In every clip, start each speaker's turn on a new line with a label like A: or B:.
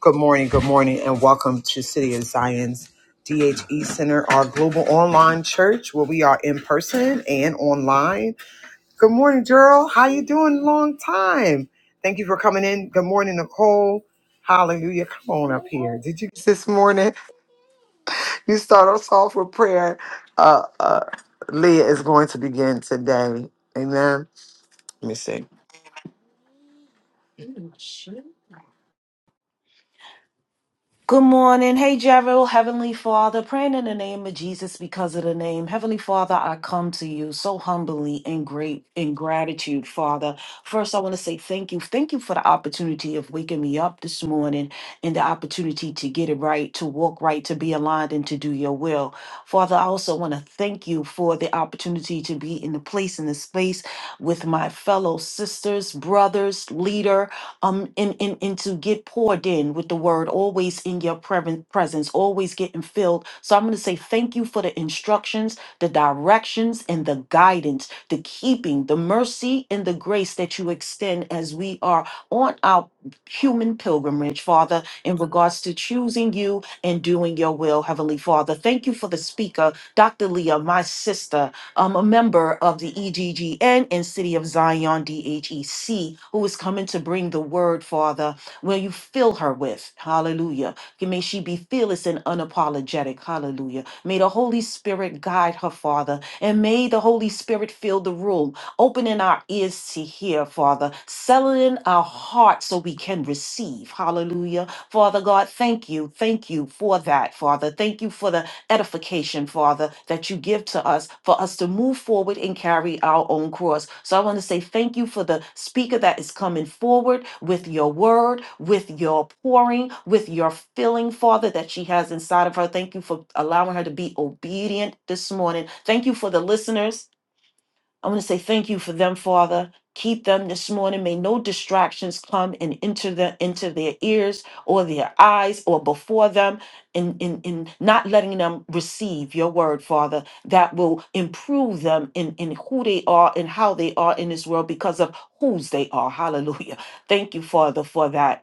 A: Good morning, good morning, and welcome to City of Zion's DHE Center, our global online church where we are in person and online. Good morning, Gerald. How you doing? Long time. Thank you for coming in. Good morning, Nicole. Hallelujah. Come on up here. Did you this morning? You start us off with prayer. Uh uh Leah is going to begin today. Amen. Let me see.
B: Good morning. Hey, Gerald, Heavenly Father, praying in the name of Jesus because of the name. Heavenly Father, I come to you so humbly and great in gratitude, Father. First, I want to say thank you. Thank you for the opportunity of waking me up this morning and the opportunity to get it right, to walk right, to be aligned, and to do your will. Father, I also want to thank you for the opportunity to be in the place, in the space with my fellow sisters, brothers, leader, um and, and and to get poured in with the word always in your preven- presence always getting filled so i'm going to say thank you for the instructions the directions and the guidance the keeping the mercy and the grace that you extend as we are on our human pilgrimage father in regards to choosing you and doing your will heavenly father thank you for the speaker dr leah my sister um, a member of the EGGN and City of Zion DHEC, who is coming to bring the word, Father, where you fill her with. Hallelujah. May she be fearless and unapologetic. Hallelujah. May the Holy Spirit guide her, Father, and may the Holy Spirit fill the room, opening our ears to hear, Father, settling our hearts so we can receive. Hallelujah. Father God, thank you. Thank you for that, Father. Thank you for the edification, Father, that you give to us for us to move forward and carry our own course. So I want to say thank you for the speaker that is coming forward with your word, with your pouring, with your filling, Father, that she has inside of her. Thank you for allowing her to be obedient this morning. Thank you for the listeners I want to say thank you for them, Father. Keep them this morning. May no distractions come and enter the into their ears or their eyes or before them, and in, in, not letting them receive your word, Father, that will improve them in, in who they are and how they are in this world because of whose they are. Hallelujah. Thank you, Father, for that.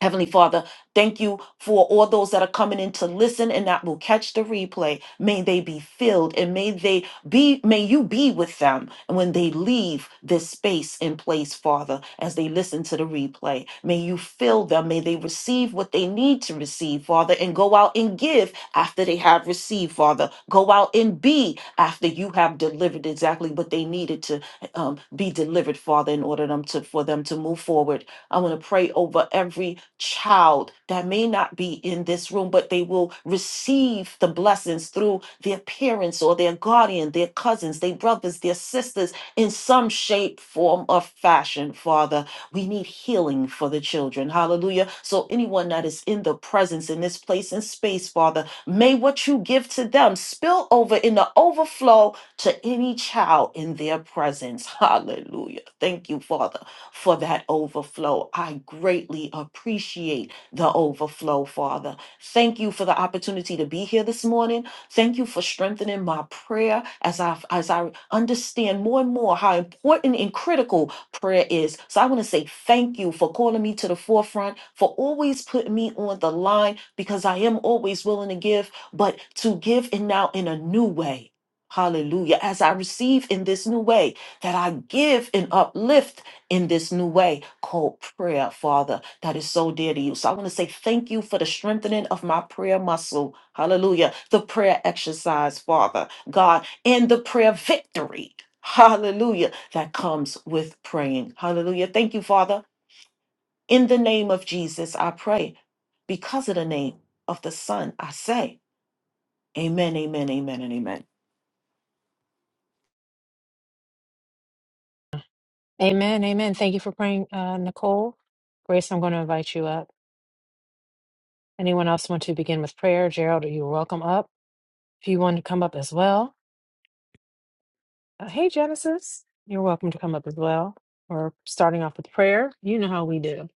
B: Heavenly Father, thank you for all those that are coming in to listen and that will catch the replay. May they be filled and may they be, may you be with them when they leave this space and place, Father, as they listen to the replay. May you fill them. May they receive what they need to receive, Father, and go out and give after they have received, Father. Go out and be after you have delivered exactly what they needed to um, be delivered, Father, in order them to, for them to move forward I want to pray over every child that may not be in this room, but they will receive the blessings through their parents or their guardian, their cousins, their brothers, their sisters, in some shape, form, or fashion, Father. We need healing for the children. Hallelujah. So, anyone that is in the presence in this place and space, Father, may what you give to them spill over in the overflow to any child in their presence. Hallelujah. Thank you, Father for that overflow. I greatly appreciate the overflow, Father. Thank you for the opportunity to be here this morning. Thank you for strengthening my prayer as I as I understand more and more how important and critical prayer is. So I want to say thank you for calling me to the forefront, for always putting me on the line because I am always willing to give, but to give and now in a new way. Hallelujah. As I receive in this new way, that I give and uplift in this new way called prayer, Father, that is so dear to you. So I want to say thank you for the strengthening of my prayer muscle. Hallelujah. The prayer exercise, Father, God, and the prayer victory. Hallelujah. That comes with praying. Hallelujah. Thank you, Father. In the name of Jesus, I pray. Because of the name of the Son, I say, Amen, amen, amen, and amen.
C: Amen. Amen. Thank you for praying, uh, Nicole. Grace, I'm going to invite you up. Anyone else want to begin with prayer? Gerald, you're welcome up. If you want to come up as well, uh, hey, Genesis, you're welcome to come up as well. We're starting off with prayer. You know how we do.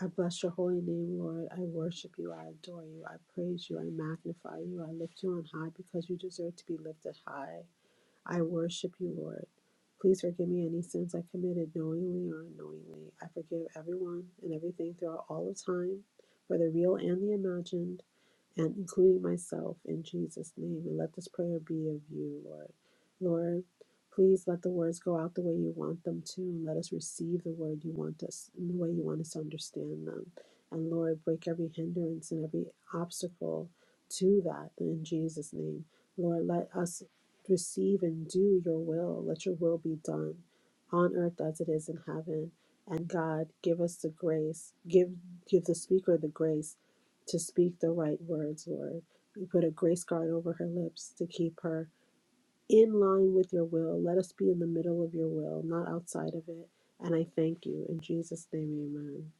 D: I bless your holy name, Lord. I worship you. I adore you. I praise you. I magnify you. I lift you on high because you deserve to be lifted high. I worship you, Lord. Please forgive me any sins I committed knowingly or unknowingly. I forgive everyone and everything throughout all of time, whether real and the imagined and including myself in Jesus' name. And let this prayer be of you, Lord. Lord, please let the words go out the way you want them to, and let us receive the word you want us in the way you want us to understand them. And Lord, break every hindrance and every obstacle to that in Jesus' name. Lord, let us receive and do your will. Let your will be done on earth as it is in heaven. And God, give us the grace, give give the speaker the grace to speak the right words, Lord. You put a grace guard over her lips to keep her in line with your will. Let us be in the middle of your will, not outside of it. And I thank you in Jesus' name, Amen.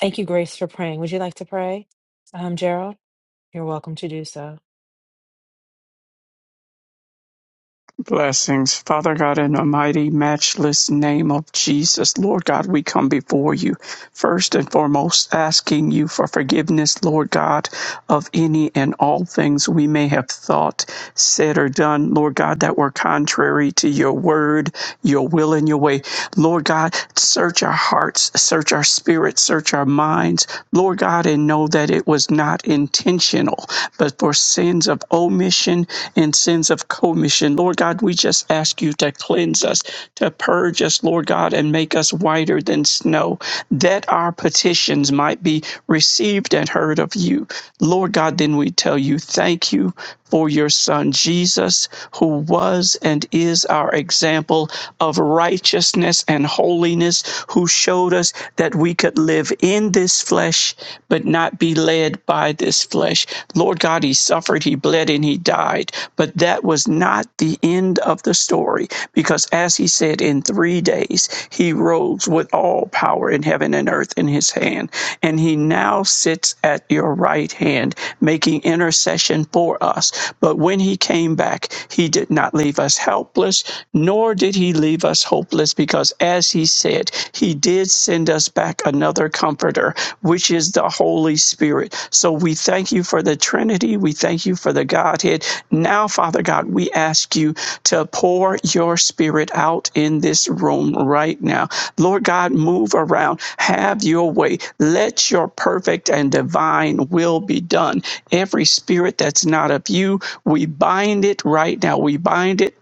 C: Thank you, Grace, for praying. Would you like to pray? Um, Gerald, you're welcome to do so.
E: Blessings, Father God, in the mighty, matchless name of Jesus, Lord God, we come before you. First and foremost, asking you for forgiveness, Lord God, of any and all things we may have thought, said, or done, Lord God, that were contrary to your word, your will, and your way. Lord God, search our hearts, search our spirits, search our minds, Lord God, and know that it was not intentional, but for sins of omission and sins of commission. Lord God, we just ask you to cleanse us, to purge us, Lord God, and make us whiter than snow, that our petitions might be received and heard of you. Lord God, then we tell you thank you for your Son Jesus, who was and is our example of righteousness and holiness, who showed us that we could live in this flesh flesh, but not be led by this flesh. Lord God, he suffered, he bled, and he died. But that was not the end of the story, because as he said, in three days he rose with all power in heaven and earth in his hand. And he now sits at your right hand, making intercession for us. But when he came back, he did not leave us helpless, nor did he leave us hopeless, because as he said, He did send us back another comforter, which is the Holy Spirit. So we thank you for the Trinity. We thank you for the Godhead. Now, Father God, we ask you to pour your Spirit out in this room right now. Lord God, move around. Have your way. Let your perfect and divine will be done. Every spirit that's not of you, we bind it right now. We bind it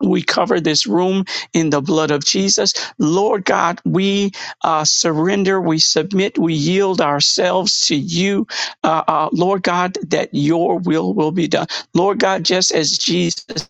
E: we cover this room in the blood of Jesus. Lord God, we uh, surrender, we submit, we yield ourselves to you. Uh, uh, Lord God, that your will will be done. Lord God, just as Jesus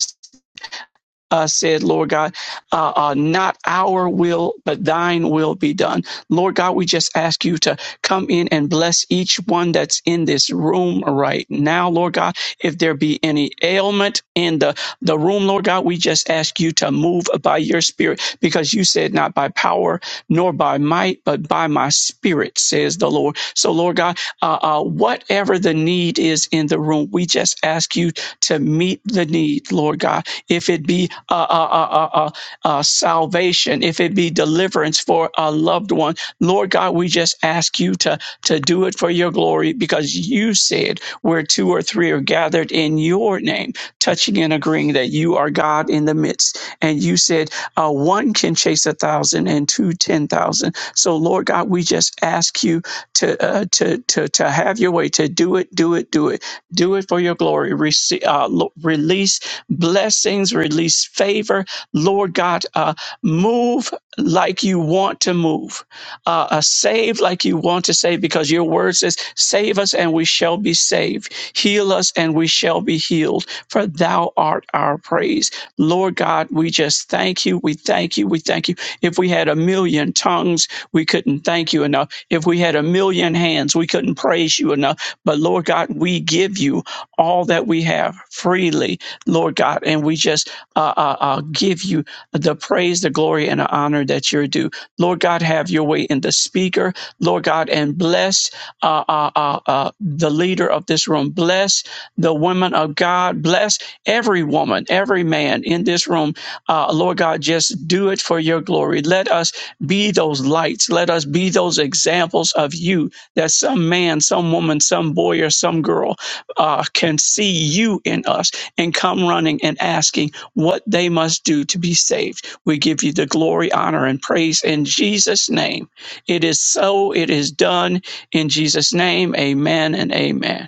E: uh, said, Lord God, uh, uh, not our will, but thine will be done. Lord God, we just ask you to come in and bless each one that's in this room right now, Lord God. If there be any ailment in the, the room, Lord God, we just ask you to move by your spirit because you said, not by power nor by might, but by my spirit, says the Lord. So, Lord God, uh, uh, whatever the need is in the room, we just ask you to meet the need, Lord God if it be uh, uh, uh, uh, uh, uh, salvation, if it be deliverance for a loved one. Lord God, we just ask you to, to do it for your glory because you said where two or three are gathered in your name, touching and agreeing that you are God in the midst. And you said uh, one can chase a thousand and two, ten thousand. So, Lord God, we just ask you to, uh, to, to, to have your way, to do it, do it, do it do it for your glory. Rece- uh, lo- release blessings, release favor. Lord God, uh, move like you want to move, uh, uh, save like you want to save, because your word says, Save us and we shall be saved, heal us and we shall be healed, for thou art our praise. Lord God, we just thank you, we thank you, we thank you. If we had a million tongues, we couldn't thank you enough. If we had a million hands, we couldn't praise you enough. But Lord God, we give you all that we have freely Lord God. And we just uh, uh, uh, give you the praise, the glory, and the honor that you're due. Lord God, have your way in the speaker, Lord God, and bless uh, uh, uh, uh, the leader of this room. Bless the women of God. Bless every woman, every man in this room. Uh, Lord God, just do it for your glory. Let us be those lights. Let us be those examples of you that some man, some woman, some boy, or some girl uh, can see you in us and come running and asking what they must do to be saved. We give you the glory, honor, and praise in Jesus' name. It is so, it is done in Jesus' name. Amen and amen.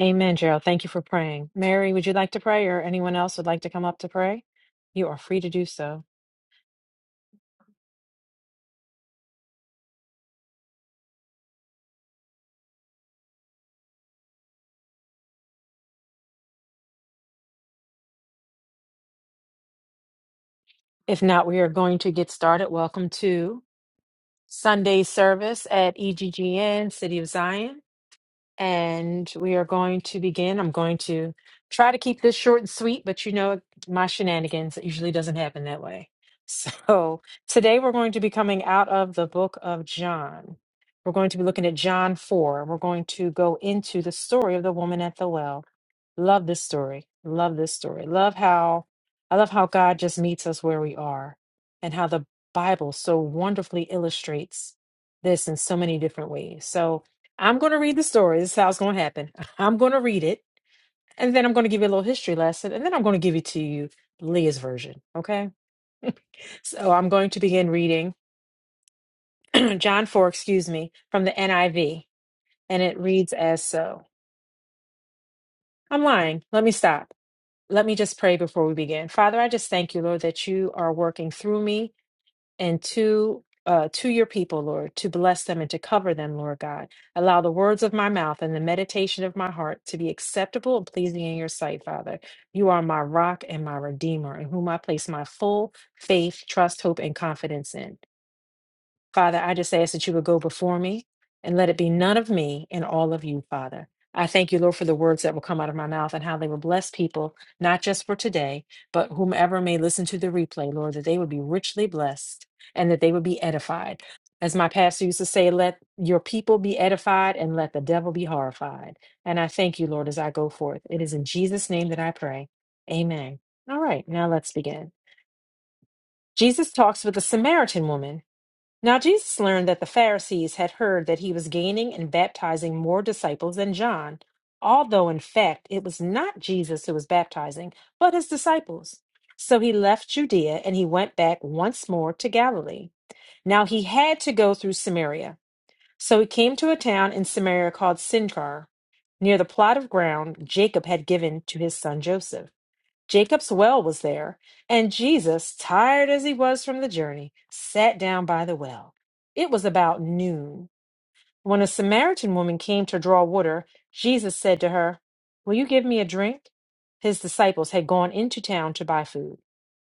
C: Amen, Gerald. Thank you for praying. Mary, would you like to pray or anyone else would like to come up to pray? You are free to do so. If not, we are going to get started. Welcome to Sunday service at EGGN, City of Zion. and we are going to begin. I'm going to try to keep this short and sweet, but you know my shenanigans. It usually doesn't happen that way. So today we're going to be coming out of the book of John. We're going to be looking at John 4. We're going to go into the story of the woman at the well. Love this story. Love this story. Love how I love how God just meets us where we are and how the Bible so wonderfully illustrates this in so many different ways. So I'm going to read the story. This is how it's going to happen. I'm going to read it and then I'm going to give you a little history lesson and then I'm going to give it to you Leah's version. Okay. So I'm going to begin reading John 4, excuse me, from the NIV. And it reads as so. I'm lying. Let me stop. Let me just pray before we begin. Father, I just thank you, Lord, that you are working through me and to uh, to your people, Lord, to bless them and to cover them, Lord God. Allow the words of my mouth and the meditation of my heart to be acceptable and pleasing in your sight, Father. You are my rock and my redeemer, in whom I place my full faith, trust, hope, and confidence in. Father, I just ask that you would go before me and let it be none of me and all of you, Father. I thank you, Lord, for the words that will come out of my mouth and how they will bless people, not just for today, but whomever may listen to the replay, Lord, that they would be richly blessed and that they would be edified. As my pastor used to say, let your people be edified and let the devil be horrified. And I thank you, Lord, as I go forth. It is in Jesus' name that I pray. Amen. All right, now let's begin. Jesus talks with a Samaritan woman now Jesus learned that the Pharisees had heard that he was gaining and baptizing more disciples than John, although in fact it was not Jesus who was baptizing, but his disciples. So he left Judea and he went back once more to Galilee. Now he had to go through Samaria. So he came to a town in Samaria called Sychar, near the plot of ground Jacob had given to his son Joseph. Jacob's well was there, and Jesus, tired as he was from the journey, sat down by the well. It was about noon. When a Samaritan woman came to draw water, Jesus said to her, Will you give me a drink? His disciples had gone into town to buy food.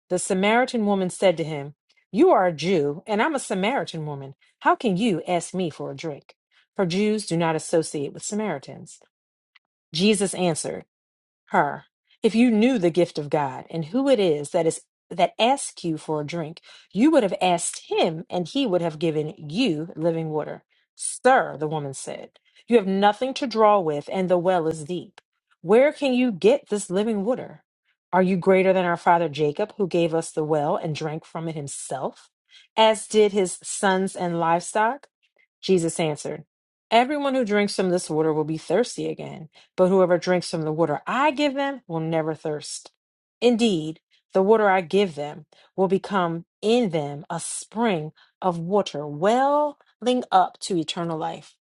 C: The Samaritan woman said to him, You are a Jew, and I'm a Samaritan woman. How can you ask me for a drink? For Jews do not associate with Samaritans. Jesus answered, her if you knew the gift of god and who it is that is that asks you for a drink you would have asked him and he would have given you living water sir the woman said you have nothing to draw with and the well is deep where can you get this living water are you greater than our father jacob who gave us the well and drank from it himself as did his sons and livestock jesus answered everyone who drinks from this water will be thirsty again but whoever drinks from the water I give them will never thirst. Indeed, the water I give them will become in them a spring of water welling up to eternal life.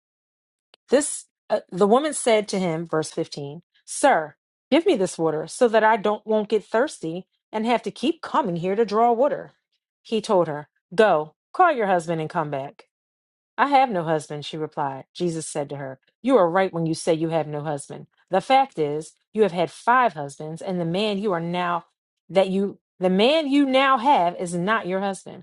C: This uh, the woman said to him, verse 15, "Sir, give me this water so that I don't won't get thirsty and have to keep coming here to draw water." He told her, "Go, call your husband and come back." I have no husband, she replied. Jesus said to her, You are right when you say you have no husband. The fact is, you have had five husbands, and the man you are now that you the man you now have is not your husband.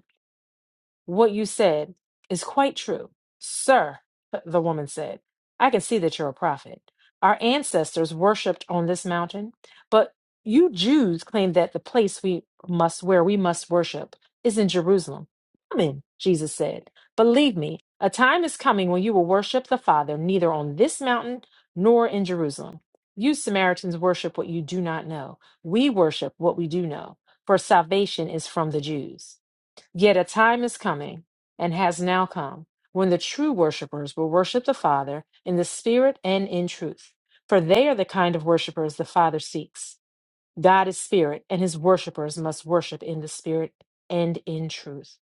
C: What you said is quite true. Sir, the woman said, I can see that you're a prophet. Our ancestors worshipped on this mountain, but you Jews claim that the place we must where we must worship is in Jerusalem. Come Jesus said. Believe me, a time is coming when you will worship the Father neither on this mountain nor in Jerusalem. You Samaritans worship what you do not know. We worship what we do know, for salvation is from the Jews. Yet a time is coming, and has now come, when the true worshipers will worship the Father in the Spirit and in truth. For they are the kind of worshipers the Father seeks. God is Spirit, and his worshipers must worship in the Spirit and in truth.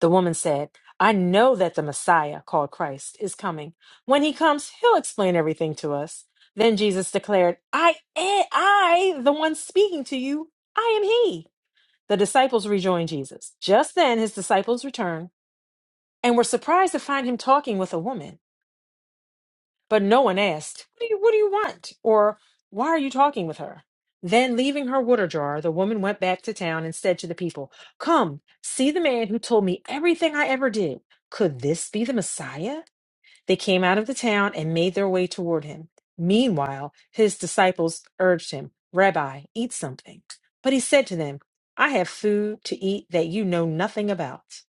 C: The woman said, I know that the Messiah, called Christ, is coming. When he comes, he'll explain everything to us. Then Jesus declared, I, eh, I, the one speaking to you, I am he. The disciples rejoined Jesus. Just then his disciples returned and were surprised to find him talking with a woman. But no one asked, What do you, what do you want? Or why are you talking with her? Then, leaving her water jar, the woman went back to town and said to the people, Come, see the man who told me everything I ever did. Could this be the Messiah? They came out of the town and made their way toward him. Meanwhile, his disciples urged him, Rabbi, eat something. But he said to them, I have food to eat that you know nothing about.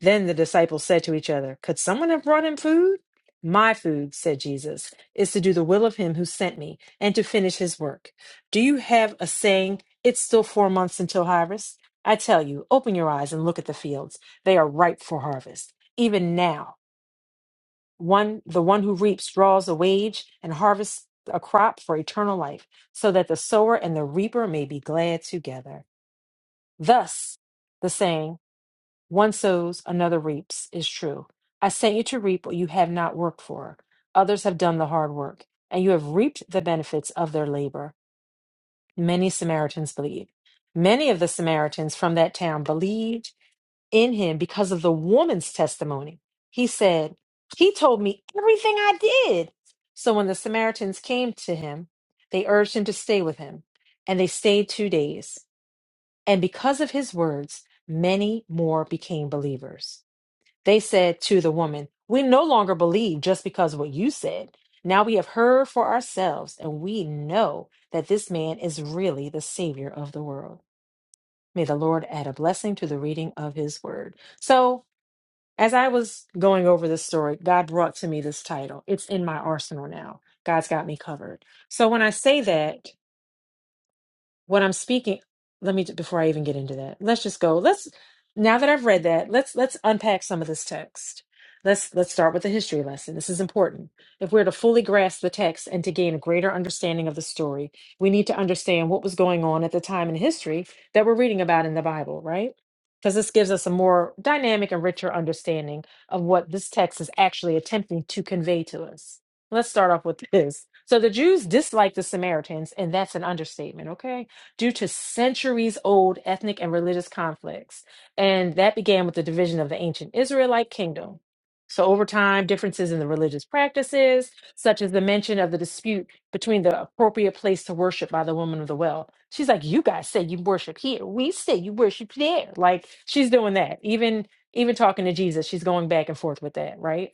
C: Then the disciples said to each other, Could someone have brought him food? My food, said Jesus, is to do the will of him who sent me and to finish his work. Do you have a saying, It's still four months until harvest? I tell you, open your eyes and look at the fields. They are ripe for harvest. Even now, one the one who reaps draws a wage and harvests a crop for eternal life so that the sower and the reaper may be glad together thus the saying one sows another reaps is true i sent you to reap what you have not worked for others have done the hard work and you have reaped the benefits of their labor many samaritans believed many of the samaritans from that town believed in him because of the woman's testimony. He said, He told me everything I did. So when the Samaritans came to him, they urged him to stay with him, and they stayed two days. And because of his words, many more became believers. They said to the woman, We no longer believe just because of what you said. Now we have heard for ourselves, and we know that this man is really the Savior of the world. May the Lord add a blessing to the reading of his word. So, as I was going over this story, God brought to me this title. It's in my arsenal now. God's got me covered. So when I say that, what I'm speaking, let me before I even get into that. Let's just go. Let's now that I've read that, let's let's unpack some of this text. Let's let's start with the history lesson. This is important. If we're to fully grasp the text and to gain a greater understanding of the story, we need to understand what was going on at the time in history that we're reading about in the Bible, right? Because this gives us a more dynamic and richer understanding of what this text is actually attempting to convey to us. Let's start off with this. So the Jews disliked the Samaritans, and that's an understatement, okay? due to centuries old ethnic and religious conflicts. And that began with the division of the ancient Israelite kingdom. So, over time, differences in the religious practices, such as the mention of the dispute between the appropriate place to worship by the woman of the well. She's like, You guys say you worship here. We say you worship there. Like, she's doing that. Even even talking to Jesus, she's going back and forth with that, right?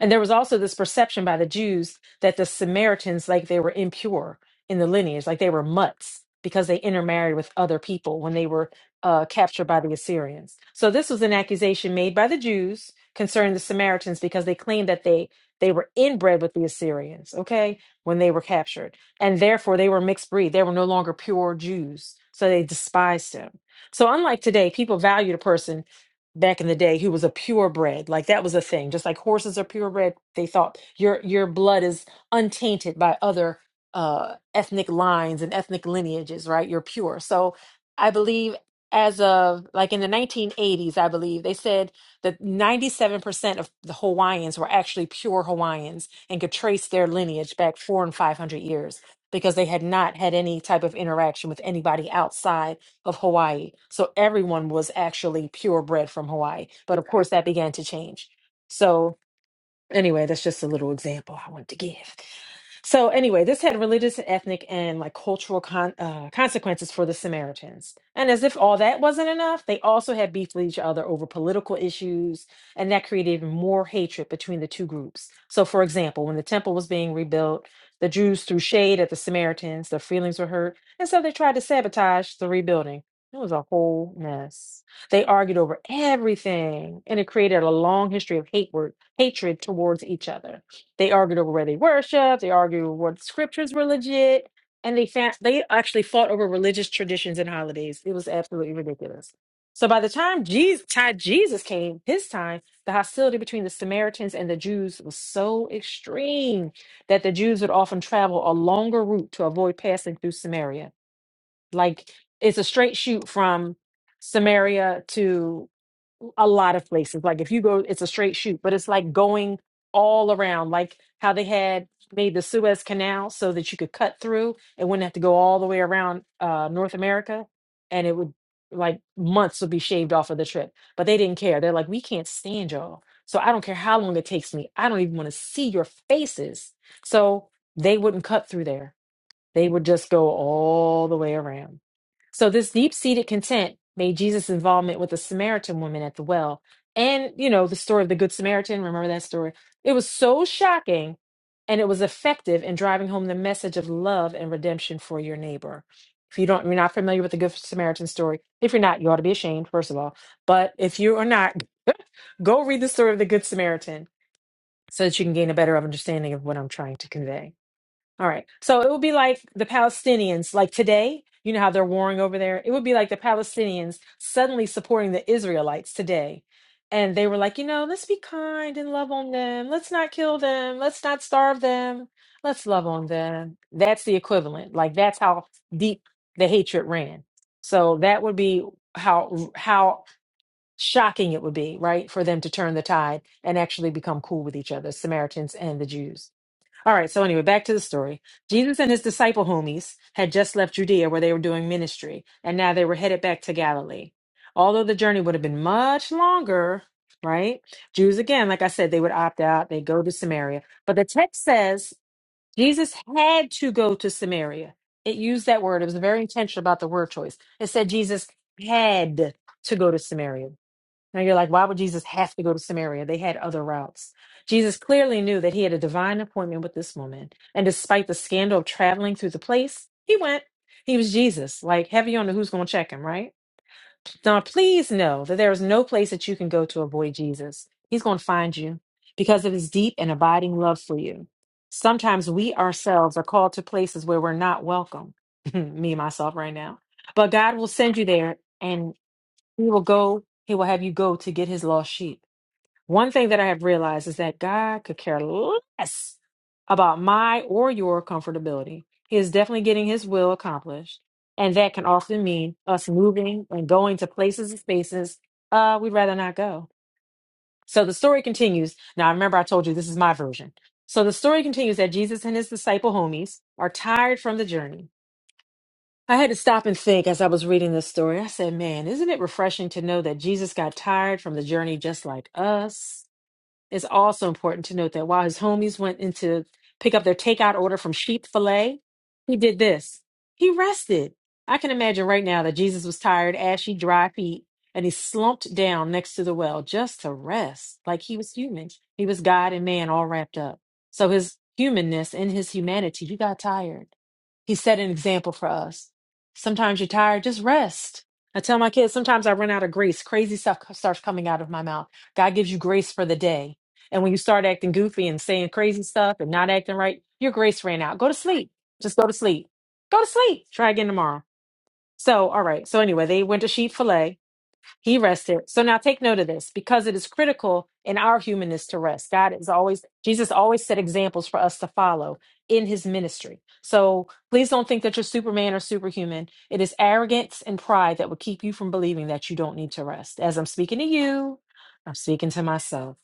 C: And there was also this perception by the Jews that the Samaritans, like they were impure in the lineage, like they were mutts because they intermarried with other people when they were uh, captured by the Assyrians. So this was an accusation made by the Jews concerning the Samaritans because they claimed that they they were inbred with the Assyrians, okay, when they were captured. And therefore they were mixed breed. They were no longer pure Jews. So they despised them. So unlike today, people valued a person back in the day who was a purebred. Like that was a thing. Just like horses are purebred, they thought your your blood is untainted by other uh ethnic lines and ethnic lineages, right? You're pure. So I believe as of like in the 1980s, I believe they said that 97% of the Hawaiians were actually pure Hawaiians and could trace their lineage back four and 500 years because they had not had any type of interaction with anybody outside of Hawaii. So everyone was actually purebred from Hawaii. But of course, that began to change. So, anyway, that's just a little example I wanted to give. So anyway, this had religious and ethnic and like cultural con- uh, consequences for the Samaritans. And as if all that wasn't enough, they also had beef with each other over political issues, and that created even more hatred between the two groups. So, for example, when the temple was being rebuilt, the Jews threw shade at the Samaritans. Their feelings were hurt, and so they tried to sabotage the rebuilding. It was a whole mess. They argued over everything, and it created a long history of hate wor- hatred towards each other. They argued over where they worship. They argued what scriptures were legit, and they found, they actually fought over religious traditions and holidays. It was absolutely ridiculous. So by the time Jesus, time Jesus came, his time, the hostility between the Samaritans and the Jews was so extreme that the Jews would often travel a longer route to avoid passing through Samaria. Like it's a straight shoot from Samaria to a lot of places. Like if you go, it's a straight shoot, but it's like going all around, like how they had made the Suez Canal so that you could cut through and wouldn't have to go all the way around uh, North America. And it would like months would be shaved off of the trip, but they didn't care. They're like, we can't stand y'all. So I don't care how long it takes me. I don't even want to see your faces. So they wouldn't cut through there they would just go all the way around. So this deep-seated content made Jesus' involvement with the Samaritan woman at the well and, you know, the story of the Good Samaritan, remember that story? It was so shocking and it was effective in driving home the message of love and redemption for your neighbor. If you don't, you're not familiar with the Good Samaritan story. If you're not, you ought to be ashamed, first of all. But if you are not, go read the story of the Good Samaritan so that you can gain a better understanding of what I'm trying to convey. All right. So it would be like the Palestinians, like today, you know how they're warring over there? It would be like the Palestinians suddenly supporting the Israelites today. And they were like, you know, let's be kind and love on them. Let's not kill them. Let's not starve them. Let's love on them. That's the equivalent. Like that's how deep the hatred ran. So that would be how how shocking it would be, right, for them to turn the tide and actually become cool with each other, Samaritans and the Jews. All right, so anyway, back to the story. Jesus and his disciple homies had just left Judea where they were doing ministry, and now they were headed back to Galilee. Although the journey would have been much longer, right? Jews, again, like I said, they would opt out, they go to Samaria. But the text says Jesus had to go to Samaria. It used that word, it was very intentional about the word choice. It said Jesus had to go to Samaria. Now you're like, why would Jesus have to go to Samaria? They had other routes. Jesus clearly knew that he had a divine appointment with this woman. And despite the scandal of traveling through the place, he went. He was Jesus, like heavy on the who's going to check him, right? Now, please know that there is no place that you can go to avoid Jesus. He's going to find you because of his deep and abiding love for you. Sometimes we ourselves are called to places where we're not welcome, me, myself, right now. But God will send you there and. He will go, he will have you go to get his lost sheep. One thing that I have realized is that God could care less about my or your comfortability. He is definitely getting his will accomplished. And that can often mean us moving and going to places and spaces uh, we'd rather not go. So the story continues. Now, I remember I told you this is my version. So the story continues that Jesus and his disciple homies are tired from the journey. I had to stop and think as I was reading this story. I said, man, isn't it refreshing to know that Jesus got tired from the journey just like us? It's also important to note that while his homies went in to pick up their takeout order from sheep fillet, he did this. He rested. I can imagine right now that Jesus was tired, ashy, dry feet, and he slumped down next to the well just to rest, like he was human. He was God and man all wrapped up. So his humanness and his humanity, he got tired. He set an example for us. Sometimes you're tired, just rest. I tell my kids, sometimes I run out of grace. Crazy stuff starts coming out of my mouth. God gives you grace for the day and when you start acting goofy and saying crazy stuff and not acting right, your grace ran out. Go to sleep. Just go to sleep. Go to sleep. Try again tomorrow. So, all right. So, anyway, they went to sheep fillet. He rested. So, now take note of this because it is critical in our humanness to rest. God is always, Jesus always set examples for us to follow in his ministry. So, please don't think that you're Superman or superhuman. It is arrogance and pride that will keep you from believing that you don't need to rest. As I'm speaking to you, I'm speaking to myself.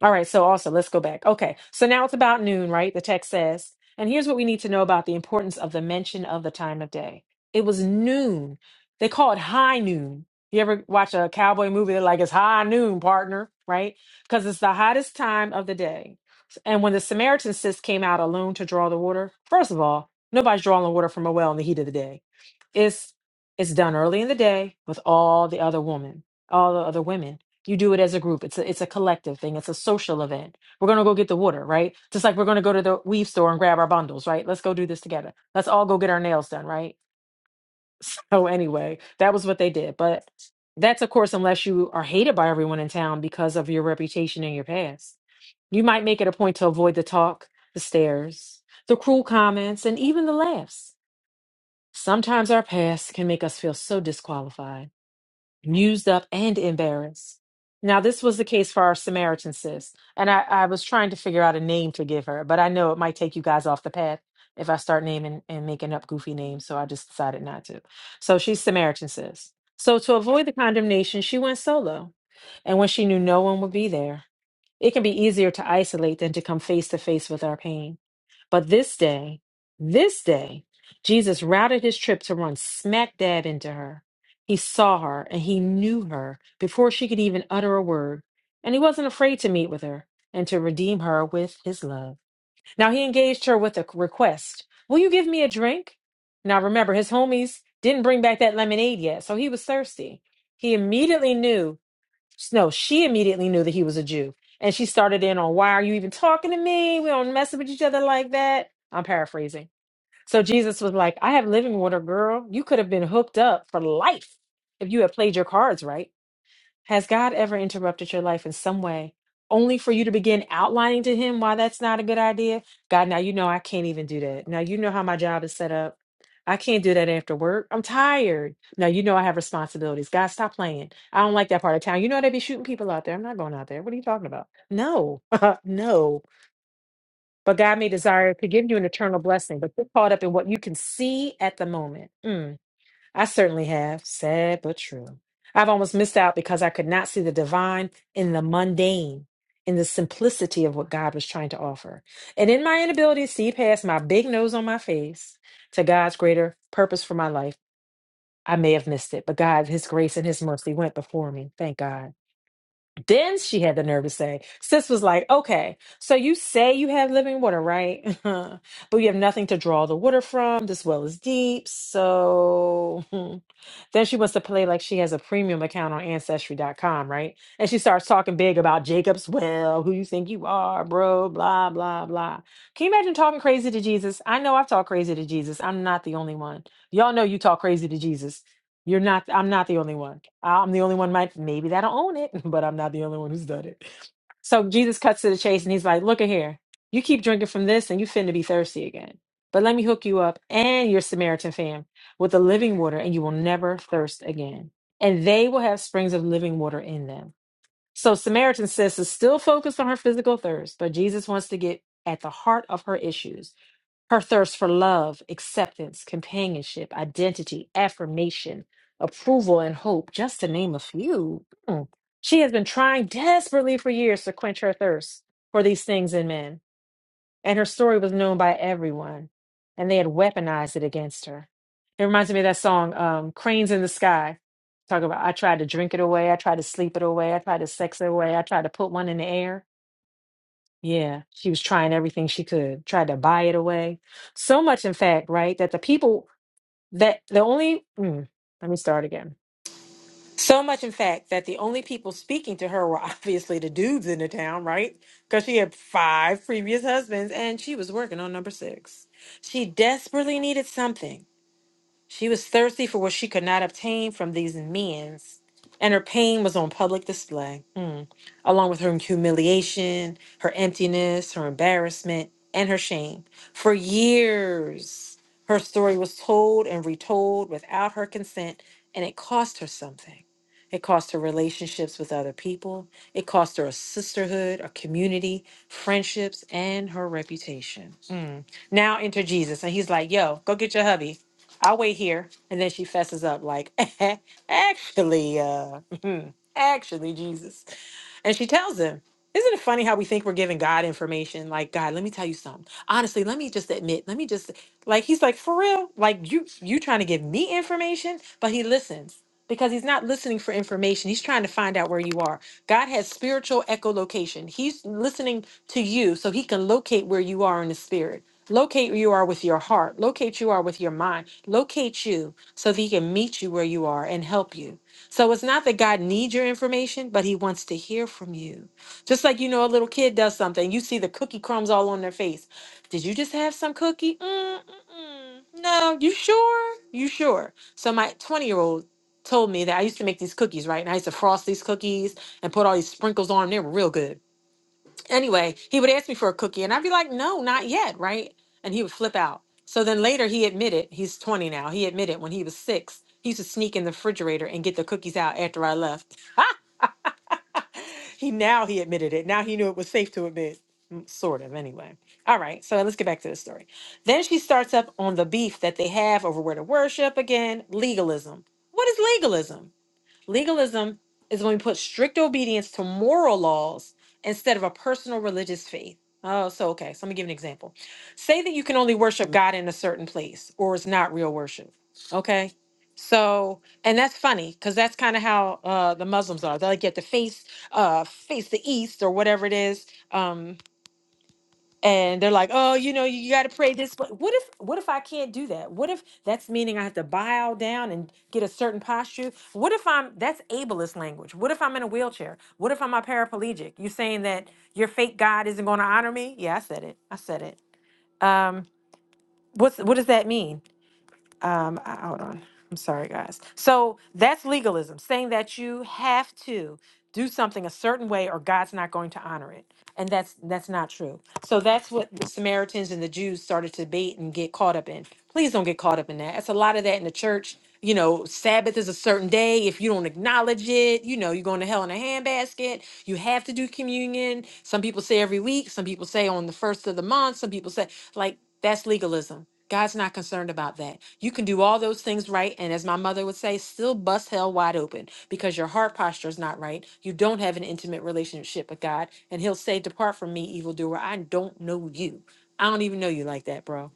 C: All right, so awesome. Let's go back. Okay, so now it's about noon, right? The text says, and here's what we need to know about the importance of the mention of the time of day. It was noon. They call it high noon. You ever watch a cowboy movie? They're like, it's high noon, partner, right? Because it's the hottest time of the day. And when the Samaritan sis came out alone to draw the water, first of all, nobody's drawing the water from a well in the heat of the day. It's it's done early in the day with all the other women, all the other women. You do it as a group. It's a it's a collective thing. It's a social event. We're gonna go get the water, right? Just like we're gonna go to the weave store and grab our bundles, right? Let's go do this together. Let's all go get our nails done, right? So anyway, that was what they did. But that's of course unless you are hated by everyone in town because of your reputation and your past. You might make it a point to avoid the talk, the stares, the cruel comments, and even the laughs. Sometimes our past can make us feel so disqualified used up and embarrassed. Now, this was the case for our Samaritan sis, and I, I was trying to figure out a name to give her, but I know it might take you guys off the path if I start naming and making up goofy names, so I just decided not to. So she's Samaritan sis. So to avoid the condemnation, she went solo, and when she knew no one would be there, it can be easier to isolate than to come face to face with our pain. But this day, this day, Jesus routed his trip to run smack dab into her. He saw her and he knew her before she could even utter a word. And he wasn't afraid to meet with her and to redeem her with his love. Now he engaged her with a request Will you give me a drink? Now remember, his homies didn't bring back that lemonade yet, so he was thirsty. He immediately knew no, she immediately knew that he was a Jew. And she started in on, Why are you even talking to me? We don't mess with each other like that. I'm paraphrasing. So Jesus was like, I have living water, girl. You could have been hooked up for life if you had played your cards right. Has God ever interrupted your life in some way, only for you to begin outlining to Him why that's not a good idea? God, now you know I can't even do that. Now you know how my job is set up. I can't do that after work. I'm tired. Now you know I have responsibilities. God, stop playing. I don't like that part of town. You know they be shooting people out there. I'm not going out there. What are you talking about? No, no. But God may desire to give you an eternal blessing, but get caught up in what you can see at the moment. Mm. I certainly have, sad but true. I've almost missed out because I could not see the divine in the mundane, in the simplicity of what God was trying to offer. And in my inability to see past my big nose on my face to God's greater purpose for my life, I may have missed it, but God, His grace and His mercy went before me. Thank God. Then she had the nerve to say, Sis was like, okay, so you say you have living water, right? but you have nothing to draw the water from. This well is deep. So. Then she wants to play like she has a premium account on ancestry dot com, right? And she starts talking big about Jacob's well, who you think you are, bro, blah, blah, blah. Can you imagine talking crazy to Jesus? I know I've talked crazy to Jesus. I'm not the only one. Y'all know you talk crazy to Jesus. You're not, I'm not the only one. I'm the only one, might maybe that'll own it, but I'm not the only one who's done it. So Jesus cuts to the chase and he's like, Look at here. You keep drinking from this and you finna be thirsty again. But let me hook you up and your Samaritan fam with the living water, and you will never thirst again. And they will have springs of living water in them. So Samaritan says is still focused on her physical thirst, but Jesus wants to get at the heart of her issues. Her thirst for love, acceptance, companionship, identity, affirmation, approval, and hope, just to name a few. Mm. She has been trying desperately for years to quench her thirst for these things in men and her story was known by everyone, and they had weaponized it against her. It reminds me of that song, um, Cranes in the Sky. Talk about, I tried to drink it away, I tried to sleep it away, I tried to sex it away, I tried to put one in the air. Yeah, she was trying everything she could, tried to buy it away. So much, in fact, right, that the people that the only, mm, let me start again so much, in fact, that the only people speaking to her were obviously the dudes in the town, right? Because she had five previous husbands and she was working on number six. She desperately needed something. She was thirsty for what she could not obtain from these men's, and her pain was on public display, Mm. along with her humiliation, her emptiness, her embarrassment, and her shame. For years, her story was told and retold without her consent, and it cost her something. It cost her relationships with other people. It cost her a sisterhood, a community, friendships, and her reputation. Mm. Now enter Jesus, and he's like, Yo, go get your hubby I'll wait here. And then she fesses up like, actually, uh, actually, Jesus. And she tells him, Isn't it funny how we think we're giving God information? Like, God, let me tell you something. Honestly, let me just admit, let me just like he's like, for real? Like you you trying to give me information? But he listens because he's not listening for information. He's trying to find out where you are. God has spiritual echolocation. He's listening to you so he can locate where you are in the spirit. Locate where you are with your heart. Locate you are with your mind. Locate you so that he can meet you where you are and help you. So it's not that God needs your information, but He wants to hear from you. Just like you know, a little kid does something, you see the cookie crumbs all on their face. Did you just have some cookie? Mm, mm, mm. No, you sure? You sure? So my 20 year old told me that I used to make these cookies, right? And I used to frost these cookies and put all these sprinkles on them. They were real good. Anyway, he would ask me for a cookie, and I'd be like, no, not yet, right? And he would flip out. So then later he admitted, he's 20 now, he admitted when he was six, he used to sneak in the refrigerator and get the cookies out after I left. he now he admitted it. Now he knew it was safe to admit, Mm, sort of, anyway. All right, so let's get back to the story. Then she starts up on the beef that they have over where to worship again legalism. What is legalism? Legalism is when we put strict obedience to moral laws instead of a personal religious faith. Oh, so okay. So let me give an example. Say that you can only worship God in a certain place, or it's not real worship. Okay. So, and that's funny because that's kind of how uh, the Muslims are. They like you have to face, uh, face the east or whatever it is. Um, and they're like, "Oh, you know, you got to pray this." But what if what if I can't do that? What if that's meaning I have to bow down and get a certain posture? What if I'm that's ableist language? What if I'm in a wheelchair? What if I'm a paraplegic? You saying that your fake God isn't going to honor me? Yeah, I said it. I said it. Um, what's what does that mean? um I- hold on i'm sorry guys so that's legalism saying that you have to do something a certain way or god's not going to honor it and that's that's not true so that's what the samaritans and the jews started to debate and get caught up in please don't get caught up in that it's a lot of that in the church you know sabbath is a certain day if you don't acknowledge it you know you're going to hell in a handbasket you have to do communion some people say every week some people say on the first of the month some people say like that's legalism God's not concerned about that. You can do all those things right. And as my mother would say, still bust hell wide open because your heart posture is not right. You don't have an intimate relationship with God. And He'll say, Depart from me, evildoer. I don't know you. I don't even know you like that, bro.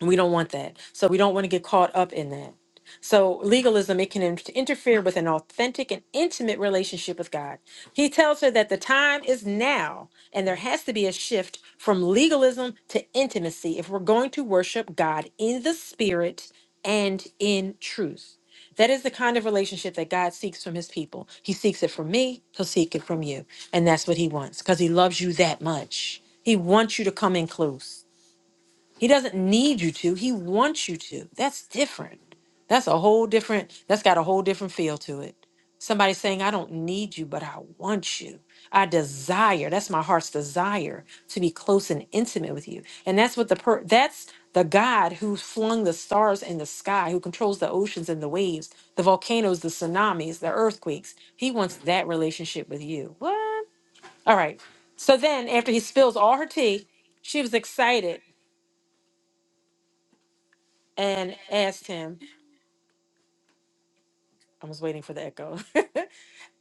C: And we don't want that. So we don't want to get caught up in that. So legalism, it can in- interfere with an authentic and intimate relationship with God. He tells her that the time is now, and there has to be a shift from legalism to intimacy if we're going to worship God in the spirit and in truth. That is the kind of relationship that God seeks from his people. He seeks it from me, he'll seek it from you. And that's what he wants because he loves you that much. He wants you to come in close. He doesn't need you to, he wants you to. That's different. That's a whole different, that's got a whole different feel to it. Somebody saying, I don't need you, but I want you. I desire, that's my heart's desire to be close and intimate with you. And that's what the per that's the God who flung the stars in the sky, who controls the oceans and the waves, the volcanoes, the tsunamis, the earthquakes. He wants that relationship with you. What? All right. So then after he spills all her tea, she was excited and asked him, I was waiting for the echo,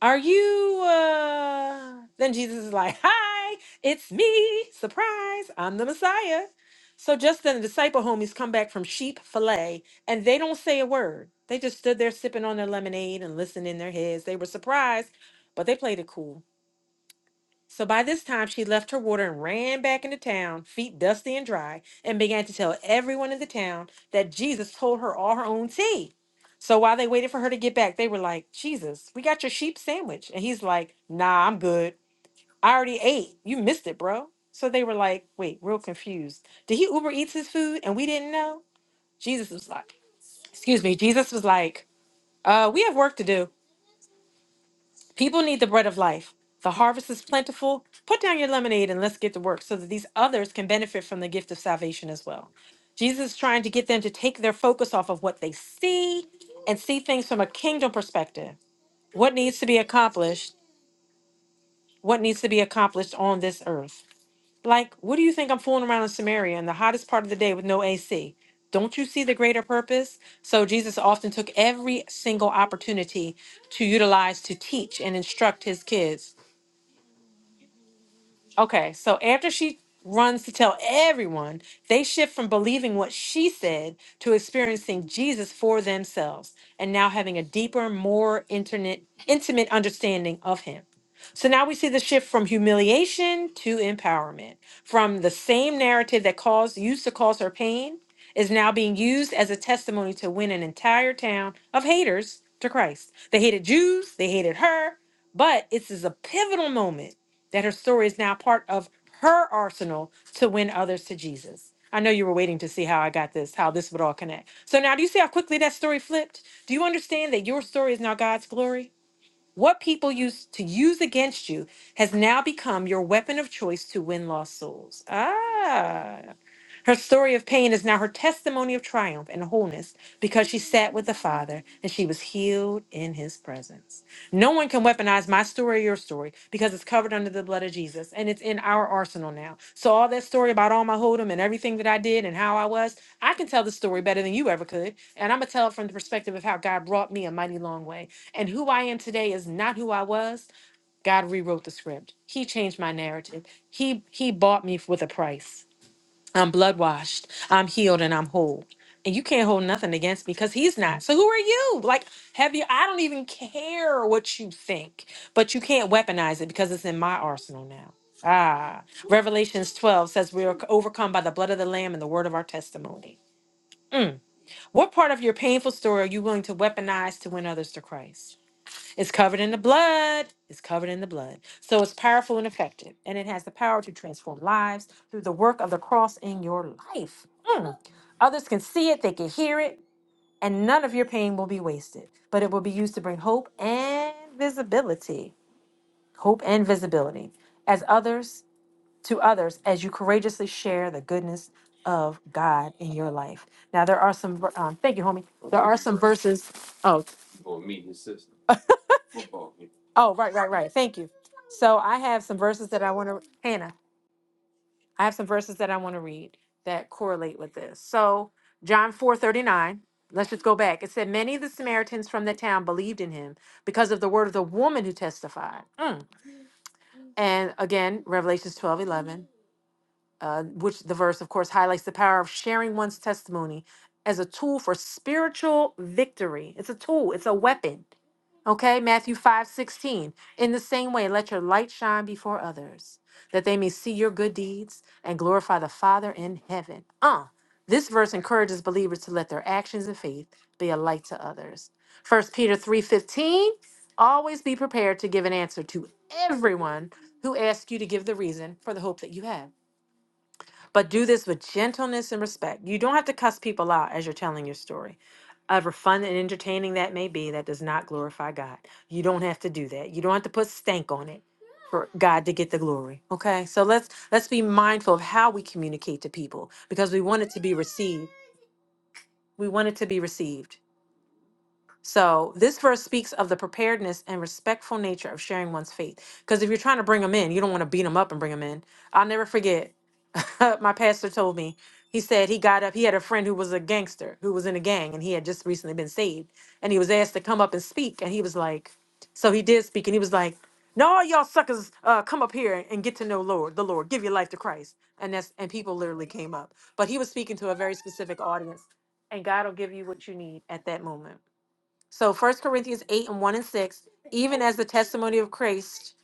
C: Are you, uh, then Jesus is like, Hi, it's me, surprise, I'm the Messiah. So just then the disciple homies come back from sheep fillet and they don't say a word. They just stood there sipping on their lemonade and listening in their heads. They were surprised, but they played it cool. So by this time, she left her water and ran back into town, feet dusty and dry, and began to tell everyone in the town that Jesus told her all her own tea. So while they waited for her to get back, they were like, Jesus, we got your sheep sandwich. And he's like, Nah, I'm good. I already ate. You missed it, bro. So they were like, Wait, real confused. Did he Uber Eats his food and we didn't know? Jesus was like, Excuse me. Jesus was like, uh, We have work to do. People need the bread of life. The harvest is plentiful. Put down your lemonade and let's get to work so that these others can benefit from the gift of salvation as well. Jesus is trying to get them to take their focus off of what they see and see things from a kingdom perspective. What needs to be accomplished? What needs to be accomplished on this earth? Like, what do you think I'm fooling around in Samaria in the hottest part of the day with no AC? Don't you see the greater purpose? So, Jesus often took every single opportunity to utilize to teach and instruct his kids Okay, so after she runs to tell everyone, they shift from believing what she said to experiencing Jesus for themselves and now having a deeper, more internet, intimate understanding of him. So now we see the shift from humiliation to empowerment, from the same narrative that caused used to cause her pain is now being used as a testimony to win an entire town of haters to Christ. They hated Jews, they hated her, but this is a pivotal moment that her story is now part of her arsenal to win others to Jesus. I know you were waiting to see how I got this, how this would all connect. So now, do you see how quickly that story flipped? Do you understand that your story is now God's glory? What people used to use against you has now become your weapon of choice to win lost souls. Ah. Her story of pain is now her testimony of triumph and wholeness because she sat with the Father and she was healed in his presence. No one can weaponize my story or your story because it's covered under the blood of Jesus and it's in our arsenal now. So, all that story about all my hold'em and everything that I did and how I was, I can tell the story better than you ever could. And I'm going to tell it from the perspective of how God brought me a mighty long way. And who I am today is not who I was. God rewrote the script. He changed my narrative. He he bought me with a price. I'm blood washed. I'm healed and I'm whole. And you can't hold nothing against me because he's not. So who are you? Like, have you? I don't even care what you think, but you can't weaponize it because it's in my arsenal now. Ah, Revelations 12 says we are overcome by the blood of the Lamb and the word of our testimony. Mm. What part of your painful story are you willing to weaponize to win others to Christ? It's covered in the blood. It's covered in the blood. So it's powerful and effective, and it has the power to transform lives through the work of the cross in your life. Mm. Others can see it, they can hear it, and none of your pain will be wasted, but it will be used to bring hope and visibility. Hope and visibility as others to others as you courageously share the goodness of God in your life. Now there are some um, thank you, homie. There are some verses. Oh, Oh, right, right, right. Thank you. So I have some verses that I want to, Hannah, I have some verses that I want to read that correlate with this. So John four let let's just go back. It said, Many of the Samaritans from the town believed in him because of the word of the woman who testified. Mm. And again, Revelations twelve eleven uh, which the verse, of course, highlights the power of sharing one's testimony as a tool for spiritual victory. It's a tool, it's a weapon. Okay, Matthew 5 16. In the same way, let your light shine before others, that they may see your good deeds and glorify the Father in heaven. Uh, this verse encourages believers to let their actions and faith be a light to others. First Peter 3 15. Always be prepared to give an answer to everyone who asks you to give the reason for the hope that you have but do this with gentleness and respect. You don't have to cuss people out as you're telling your story. However fun and entertaining that may be, that does not glorify God. You don't have to do that. You don't have to put stank on it for God to get the glory. Okay? So let's let's be mindful of how we communicate to people because we want it to be received. We want it to be received. So this verse speaks of the preparedness and respectful nature of sharing one's faith. Because if you're trying to bring them in, you don't want to beat them up and bring them in. I'll never forget. my pastor told me. He said he got up. He had a friend who was a gangster who was in a gang, and he had just recently been saved. And he was asked to come up and speak, and he was like, so he did speak, and he was like, "No, all y'all suckers, uh, come up here and get to know Lord, the Lord, give your life to Christ." And that's and people literally came up, but he was speaking to a very specific audience, and God will give you what you need at that moment. So First Corinthians 8 and 1 and 6, even as the testimony of Christ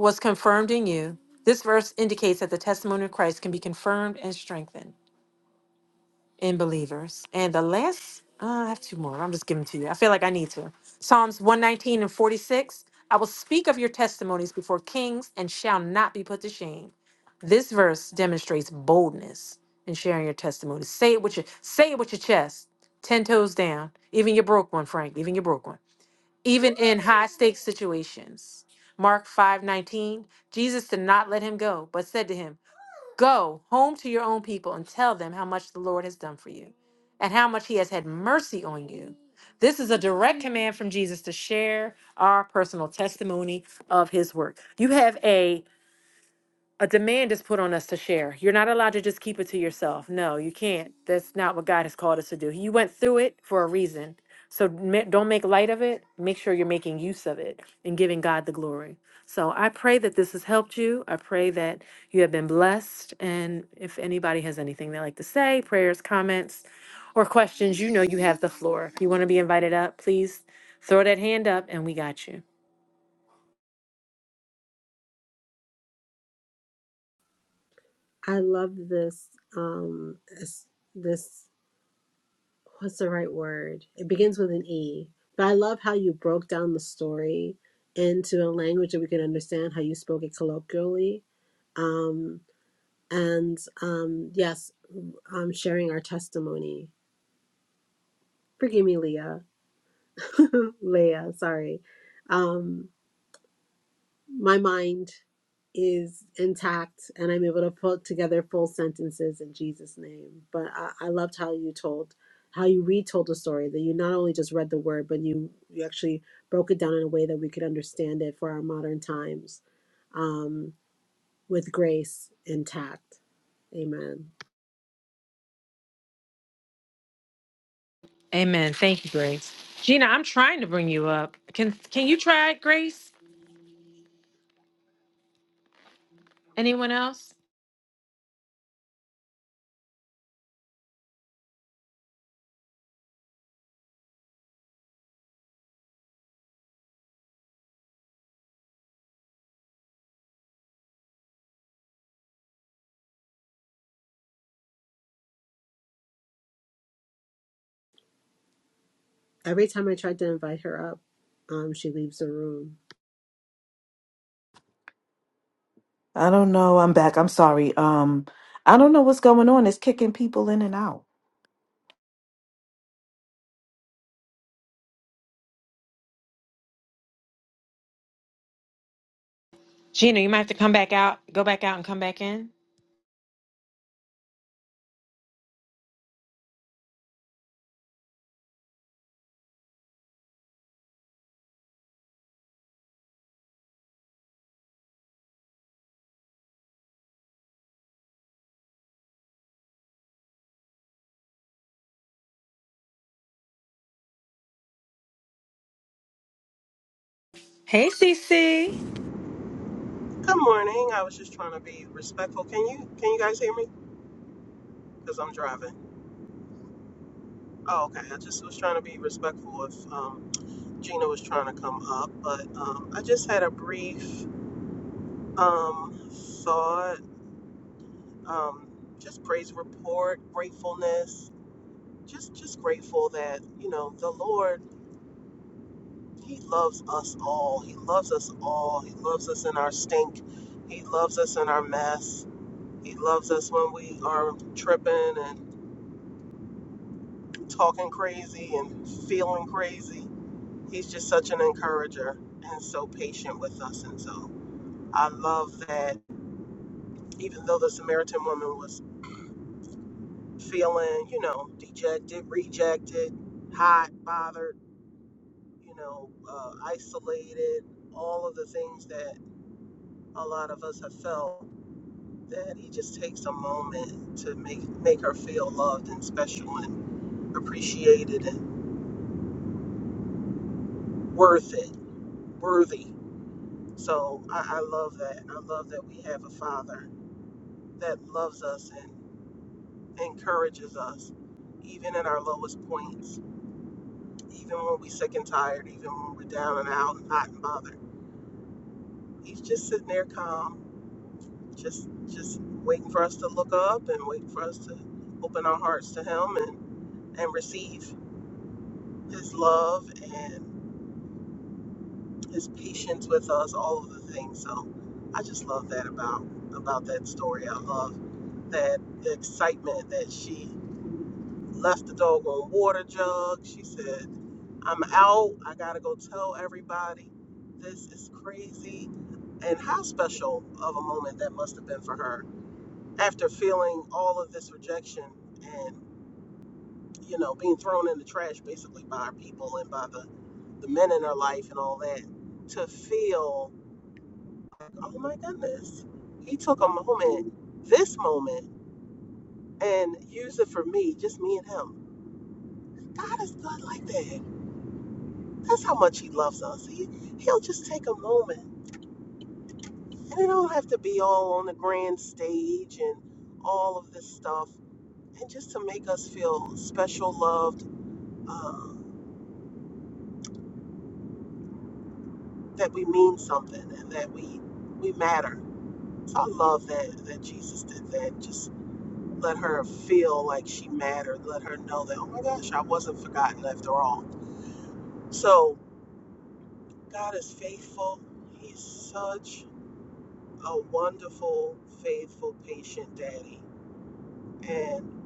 C: was confirmed in you, this verse indicates that the testimony of Christ can be confirmed and strengthened in believers. And the last, uh, I have two more. I'm just giving to you. I feel like I need to. Psalms 119 and 46. I will speak of your testimonies before kings and shall not be put to shame. This verse demonstrates boldness in sharing your testimony. Say it with your say it with your chest, ten toes down, even your broke one, Frank, even your broke one even in high stakes situations. Mark 5:19 Jesus did not let him go, but said to him, "Go home to your own people and tell them how much the Lord has done for you and how much he has had mercy on you." This is a direct command from Jesus to share our personal testimony of his work. You have a a demand is put on us to share. You're not allowed to just keep it to yourself. No, you can't. That's not what God has called us to do. You went through it for a reason. So ma- don't make light of it. Make sure you're making use of it and giving God the glory. So I pray that this has helped you. I pray that you have been blessed. And if anybody has anything they like to say, prayers, comments, or questions, you know you have the floor. If you want to be invited up, please throw that hand up and we got you.
D: I love this. Um, this, this what's the right word? It begins with an E. But I love how you broke down the story into a language that we can understand. How you spoke it colloquially, um, and um, yes, um, sharing our testimony. forgive me, Leah. Leah, sorry. Um, my mind is intact and I'm able to put together full sentences in Jesus' name. But I, I loved how you told, how you retold the story, that you not only just read the word, but you, you actually broke it down in a way that we could understand it for our modern times um, with grace intact. Amen.
C: Amen. Thank you, Grace. Gina, I'm trying to bring you up. Can can you try, it, Grace? Anyone else?
D: Every time I tried to invite her up, um, she leaves the room.
B: I don't know. I'm back. I'm sorry. Um, I don't know what's going on. It's kicking people in and out.
C: Gina, you might have to come back out, go back out and come back in. Hey, CC.
F: Good morning. I was just trying to be respectful. Can you can you guys hear me? Because I'm driving. Oh, okay. I just was trying to be respectful if um, Gina was trying to come up, but um, I just had a brief um, thought, um, just praise report, gratefulness, just just grateful that you know the Lord, He loves us all. He loves us all. He loves us in our stink. He loves us in our mess. He loves us when we are tripping and. talking crazy and feeling crazy. He's just such an encourager and so patient with us. And so I love that even though the Samaritan woman was feeling, you know, dejected, rejected, hot, bothered, you know, uh, isolated, all of the things that a lot of us have felt, that he just takes a moment to make, make her feel loved and special and appreciated and worth it, worthy So I, I love that. I love that we have a father that loves us and encourages us, even at our lowest points, even when we're sick and tired, even when we're down and out and hot and bothered. He's just sitting there calm, just just waiting for us to look up and waiting for us to open our hearts to him and, and receive his love and. his patience with us, all of the things. So I just love that about about that story. I love that the excitement that she left the dog on water jug. She said, I'm out. I gotta go tell everybody. This is crazy. And how special of a moment that must have been for her after feeling all of this rejection and, you know, being thrown in the trash basically by her people and by the, the men in her life and all that. To feel oh my goodness, he took a moment, this moment, and used it for me, just me and him. God is good like that. That's how much he loves us. He, he'll just take a moment. And it don't have to be all on the grand stage and all of this stuff. And just to make us feel special, loved, um, that we mean something and that we we matter. So I love that that Jesus did that. Just let her feel like she mattered. Let her know that, oh my gosh, I wasn't forgotten after all. So God is faithful. He's such a wonderful, faithful, patient daddy. And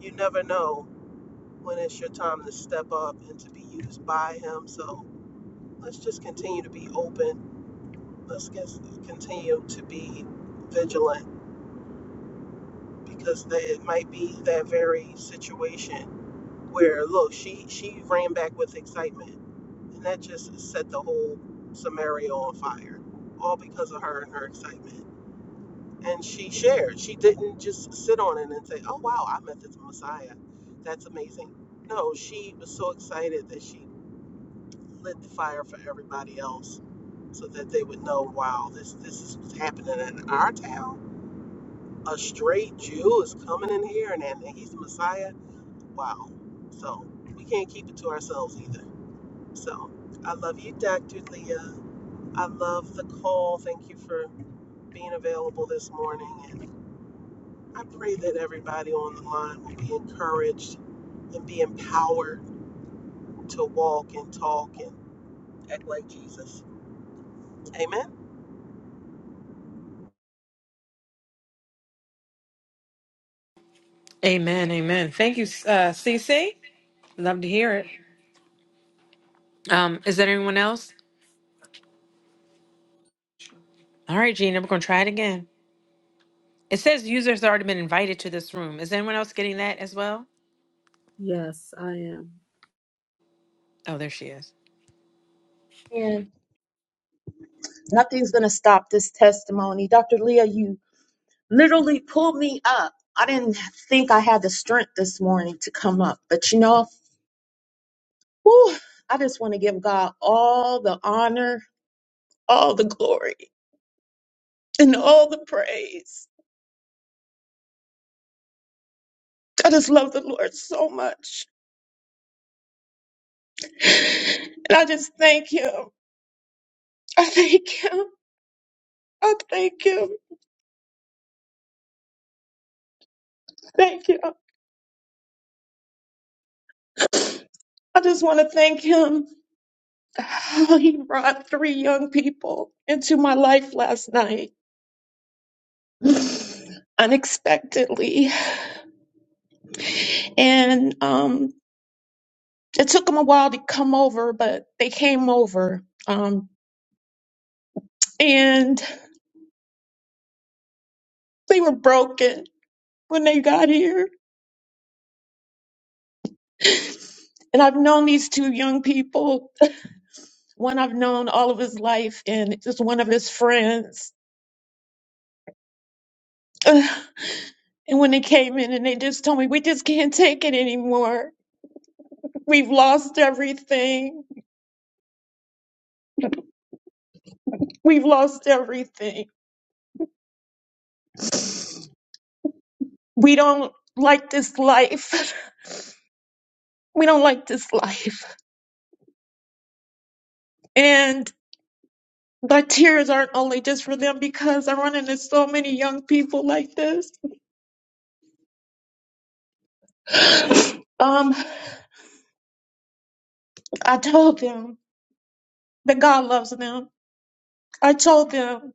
F: you never know when it's your time to step up and to be used by him. So let's just continue to be open. Let's just continue to be vigilant because that it might be that very situation where look she she ran back with excitement And that just set the whole Samaria on fire, all because of her and her excitement. And she shared. She didn't just sit on it and say, oh, wow, I met this Messiah. That's amazing. No, she was so excited that she lit the fire for everybody else so that they would know, wow, this, this is what's happening in our town. A straight Jew is coming in here and, and he's the Messiah. Wow. So we can't keep it to ourselves either. So I love you, Dr. Leah. I love the call. Thank you for being available this morning. And I pray that everybody on the line will be encouraged and be empowered to walk and talk and act like Jesus. Amen.
C: Amen. Amen. Thank you, uh, CC. Love to hear it. Um, is there anyone else? All right, Gina, we're gonna try it again. It says users have already been invited to this room. Is anyone else getting that as well?
D: Yes, I am.
C: Oh, there she is.
G: And nothing's going to stop this testimony. Dr. Leah, you literally pulled me up. I didn't think I had the strength this morning to come up, but you know, whew, I just want to give God all the honor, all the glory, and all the praise. I just love the Lord so much. And I just thank Him. I thank Him. I thank Him. Thank Him. I just want to thank Him how he brought three young people into my life last night. unexpectedly. And um, it took them a while to come over, but they came over. Um, and they were broken when they got here. And I've known these two young people, one I've known all of his life, and just one of his friends. Ugh. And when they came in and they just told me, we just can't take it anymore. We've lost everything. We've lost everything. We don't like this life. We don't like this life And my tears aren't only just for them because I run into so many young people like this. um, I told them that God loves them. I told them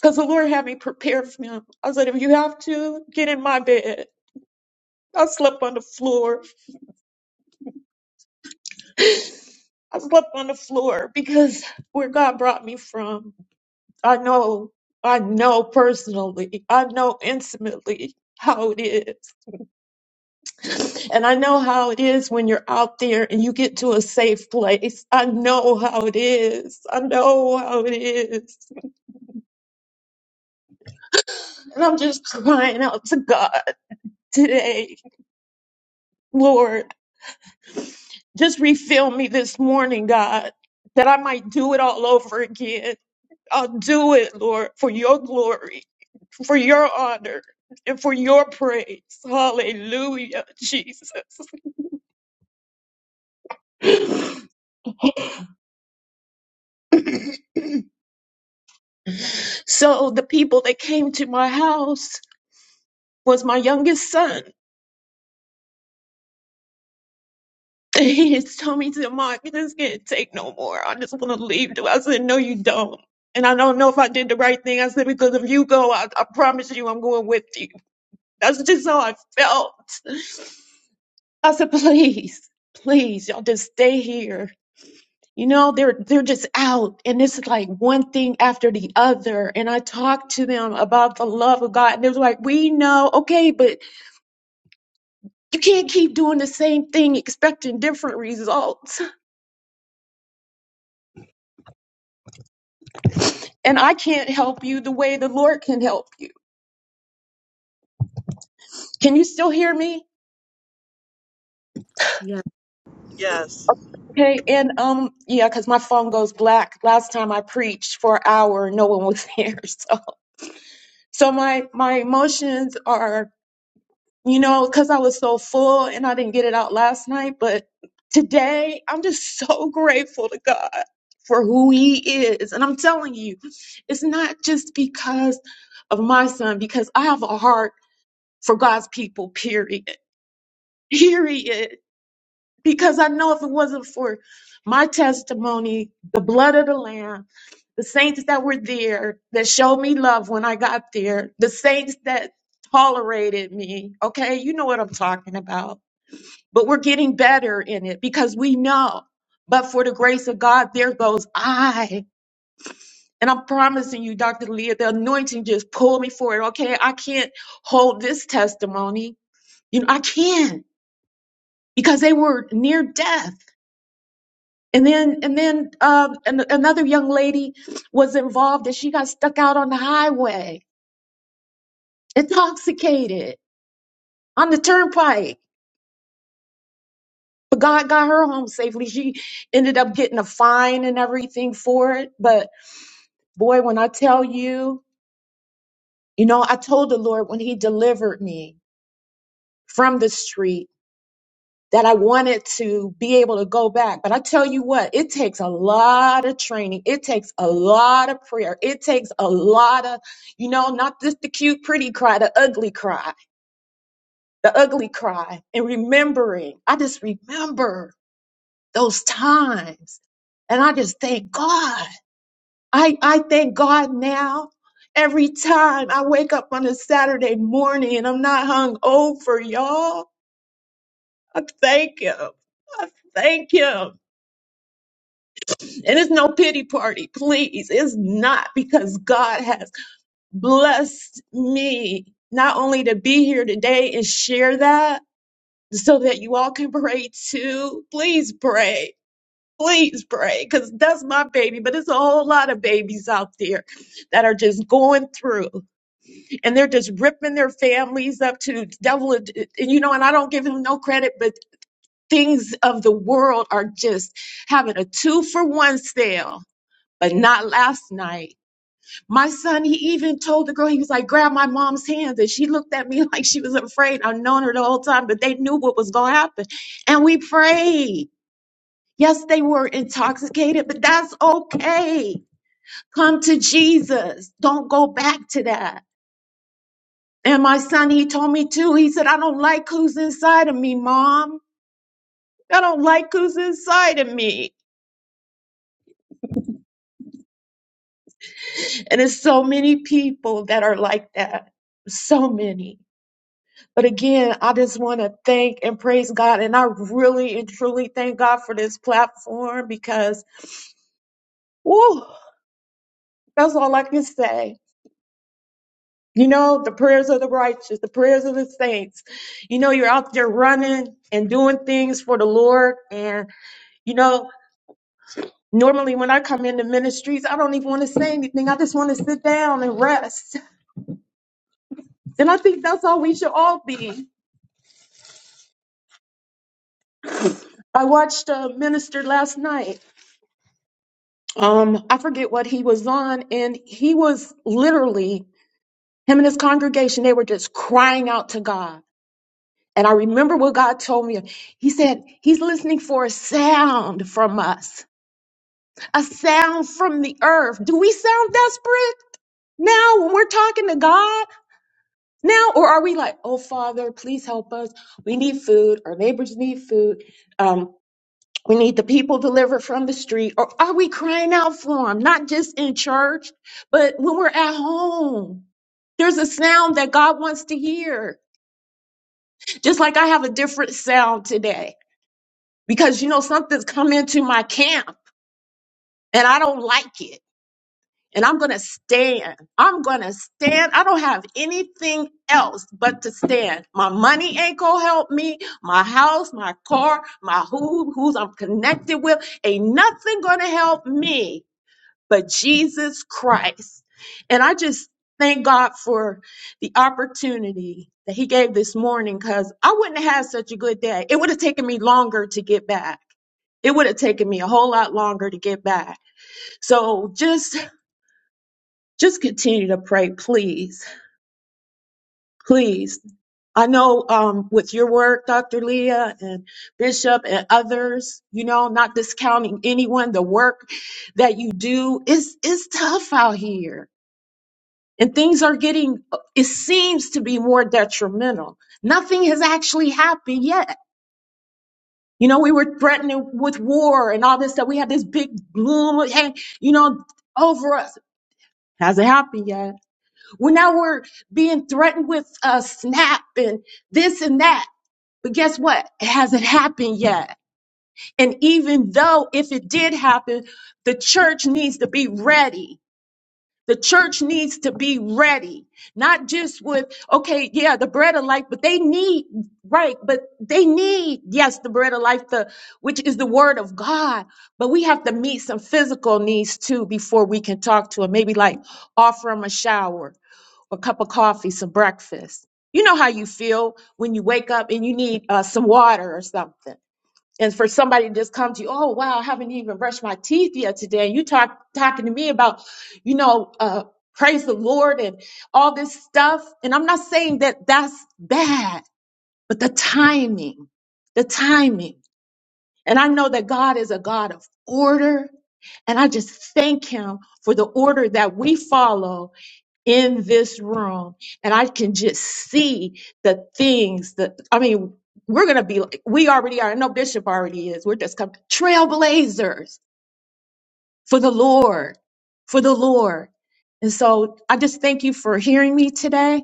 G: because the Lord had me prepared for them. I said, if you have to, get in my bed. I slept on the floor. I slept on the floor because where God brought me from, I know, I know personally, I know intimately how it is. And I know how it is when you're out there and you get to a safe place. I know how it is. I know how it is. And I'm just crying out to God today, Lord. Just refill me this morning, God, that I might do it all over again. I'll do it, Lord, for your glory, for your honor, and for your praise. Hallelujah, Jesus. So the people that came to my house was my youngest son. He just told me to Mark, this can't take no more. I just want to leave. I said, no, you don't. And I don't know if I did the right thing. I said, because if you go, I, I promise you I'm going with you. That's just how I felt. I said, please, please, y'all just stay here. You know, they're they're just out and it's like one thing after the other. And I talked to them about the love of God. And they was like, we know, okay, but you can't keep doing the same thing expecting different results. and I can't help you the way the Lord can help you. Can you still hear me?
D: Yes.
F: Yes.
G: Okay. And um, yeah, because my phone goes black. Last time I preached for an hour, and no one was here. So, so my my emotions are, you know, because I was so full and I didn't get it out last night. But today, I'm just so grateful to God for who He is, and I'm telling you, it's not just because of my son, because I have a heart for God's people. Period. Period because I know if it wasn't for my testimony, the blood of the Lamb, the saints that were there that showed me love when I got there, the saints that tolerated me, okay, you know what I'm talking about. But we're getting better in it because we know. But for the grace of God, there goes I. And I'm promising you, Dr. Leah, the anointing just pulled me forward. Okay, I can't hold this testimony. You know, I can not because they were near death And then, and then, um, an, another young lady was involved and she got stuck out on the highway, intoxicated on the turnpike. But God got her home safely. She ended up getting a fine and everything for it. But boy, when I tell you, you know, I told the Lord when He delivered me from the street that I wanted to be able to go back. But I tell you what, it takes a lot of training. It takes a lot of prayer. It takes a lot of, you know, not just the cute, pretty cry, the ugly cry, the ugly cry, and remembering. I just remember those times. And I just thank God. I, I thank God now. Every time I wake up on a Saturday morning and I'm not hung over, y'all, I thank Him. I thank Him. And it's no pity party, please. It's not because God has blessed me not only to be here today and share that so that you all can pray too. Please pray. Please pray because that's my baby, but it's a whole lot of babies out there that are just going through and they're just ripping their families up to the devil. And you know, and I don't give them no credit, but things of the world are just having a two for one sale but not last night. My son, he even told the girl, he was like, grab my mom's hands. And she looked at me like she was afraid. I've known her the whole time, but they knew what was going to happen. And we prayed. Yes, they were intoxicated, but that's okay. Come to Jesus. Don't go back to that. And my son, he told me too, he said, I don't like who's inside of me, mom. I don't like who's inside of me. And it's so many people that are like that. So many. But again, I just want to thank and praise God. And I really and truly thank God for this platform because, woo, that's all I can say. You know, the prayers of the righteous, the prayers of the saints. You know, you're out there running and doing things for the Lord. And, you know, normally when I come into ministries, I don't even want to say anything. I just want to sit down and rest. And I think that's how we should all be. I watched a minister last night um i forget what he was on and he was literally him and his congregation they were just crying out to god and i remember what god told me he said he's listening for a sound from us a sound from the earth do we sound desperate now when we're talking to god now or are we like oh father please help us we need food our neighbors need food Um. We need the people delivered from the street. Or are we crying out for them? Not just in church, but when we're at home. There's a sound that God wants to hear. Just like I have a different sound today because you know something's come into my camp and I don't like it. And I'm going to stand. I'm going to stand. I don't have anything else but to stand. My money ain't going to help me. My house, my car, my who, who's I'm connected with. Ain't nothing going to help me but Jesus Christ. And I just thank God for the opportunity that He gave this morning because I wouldn't have had such a good day. It would have taken me longer to get back. It would have taken me a whole lot longer to get back. So just just continue to pray, please. Please. I know um, with your work, Dr. Leah and Bishop and others, you know, not discounting anyone, the work that you do is is tough out here and things are getting it seems to be more detrimental nothing has actually happened yet you know we were threatened with war and all this stuff we had this big gloom and you know over us hasn't happened yet well now we're being threatened with uh, snap and this and that but guess what it hasn't happened yet and even though if it did happen the church needs to be ready The church needs to be ready, not just with, okay, yeah, the bread of life, but they need, right, but they need, yes, the bread of life, the, which is the word of God. But we have to meet some physical needs too before we can talk to them. Maybe like offer them a shower, a cup of coffee, some breakfast. You know how you feel when you wake up and you need uh, some water or something and for somebody to just come to you, oh wow, I haven't even brushed my teeth yet today. And you talk talking to me about, you know, uh, praise the Lord and all this stuff. And I'm not saying that that's bad, but the timing, the timing. And I know that God is a God of order, and I just thank Him for the order that we follow in this room and I can just see the things that I mean, we're gonna be like we already are. I know Bishop already is. We're just coming trailblazers for the Lord, for the Lord. And so I just thank you for hearing me today.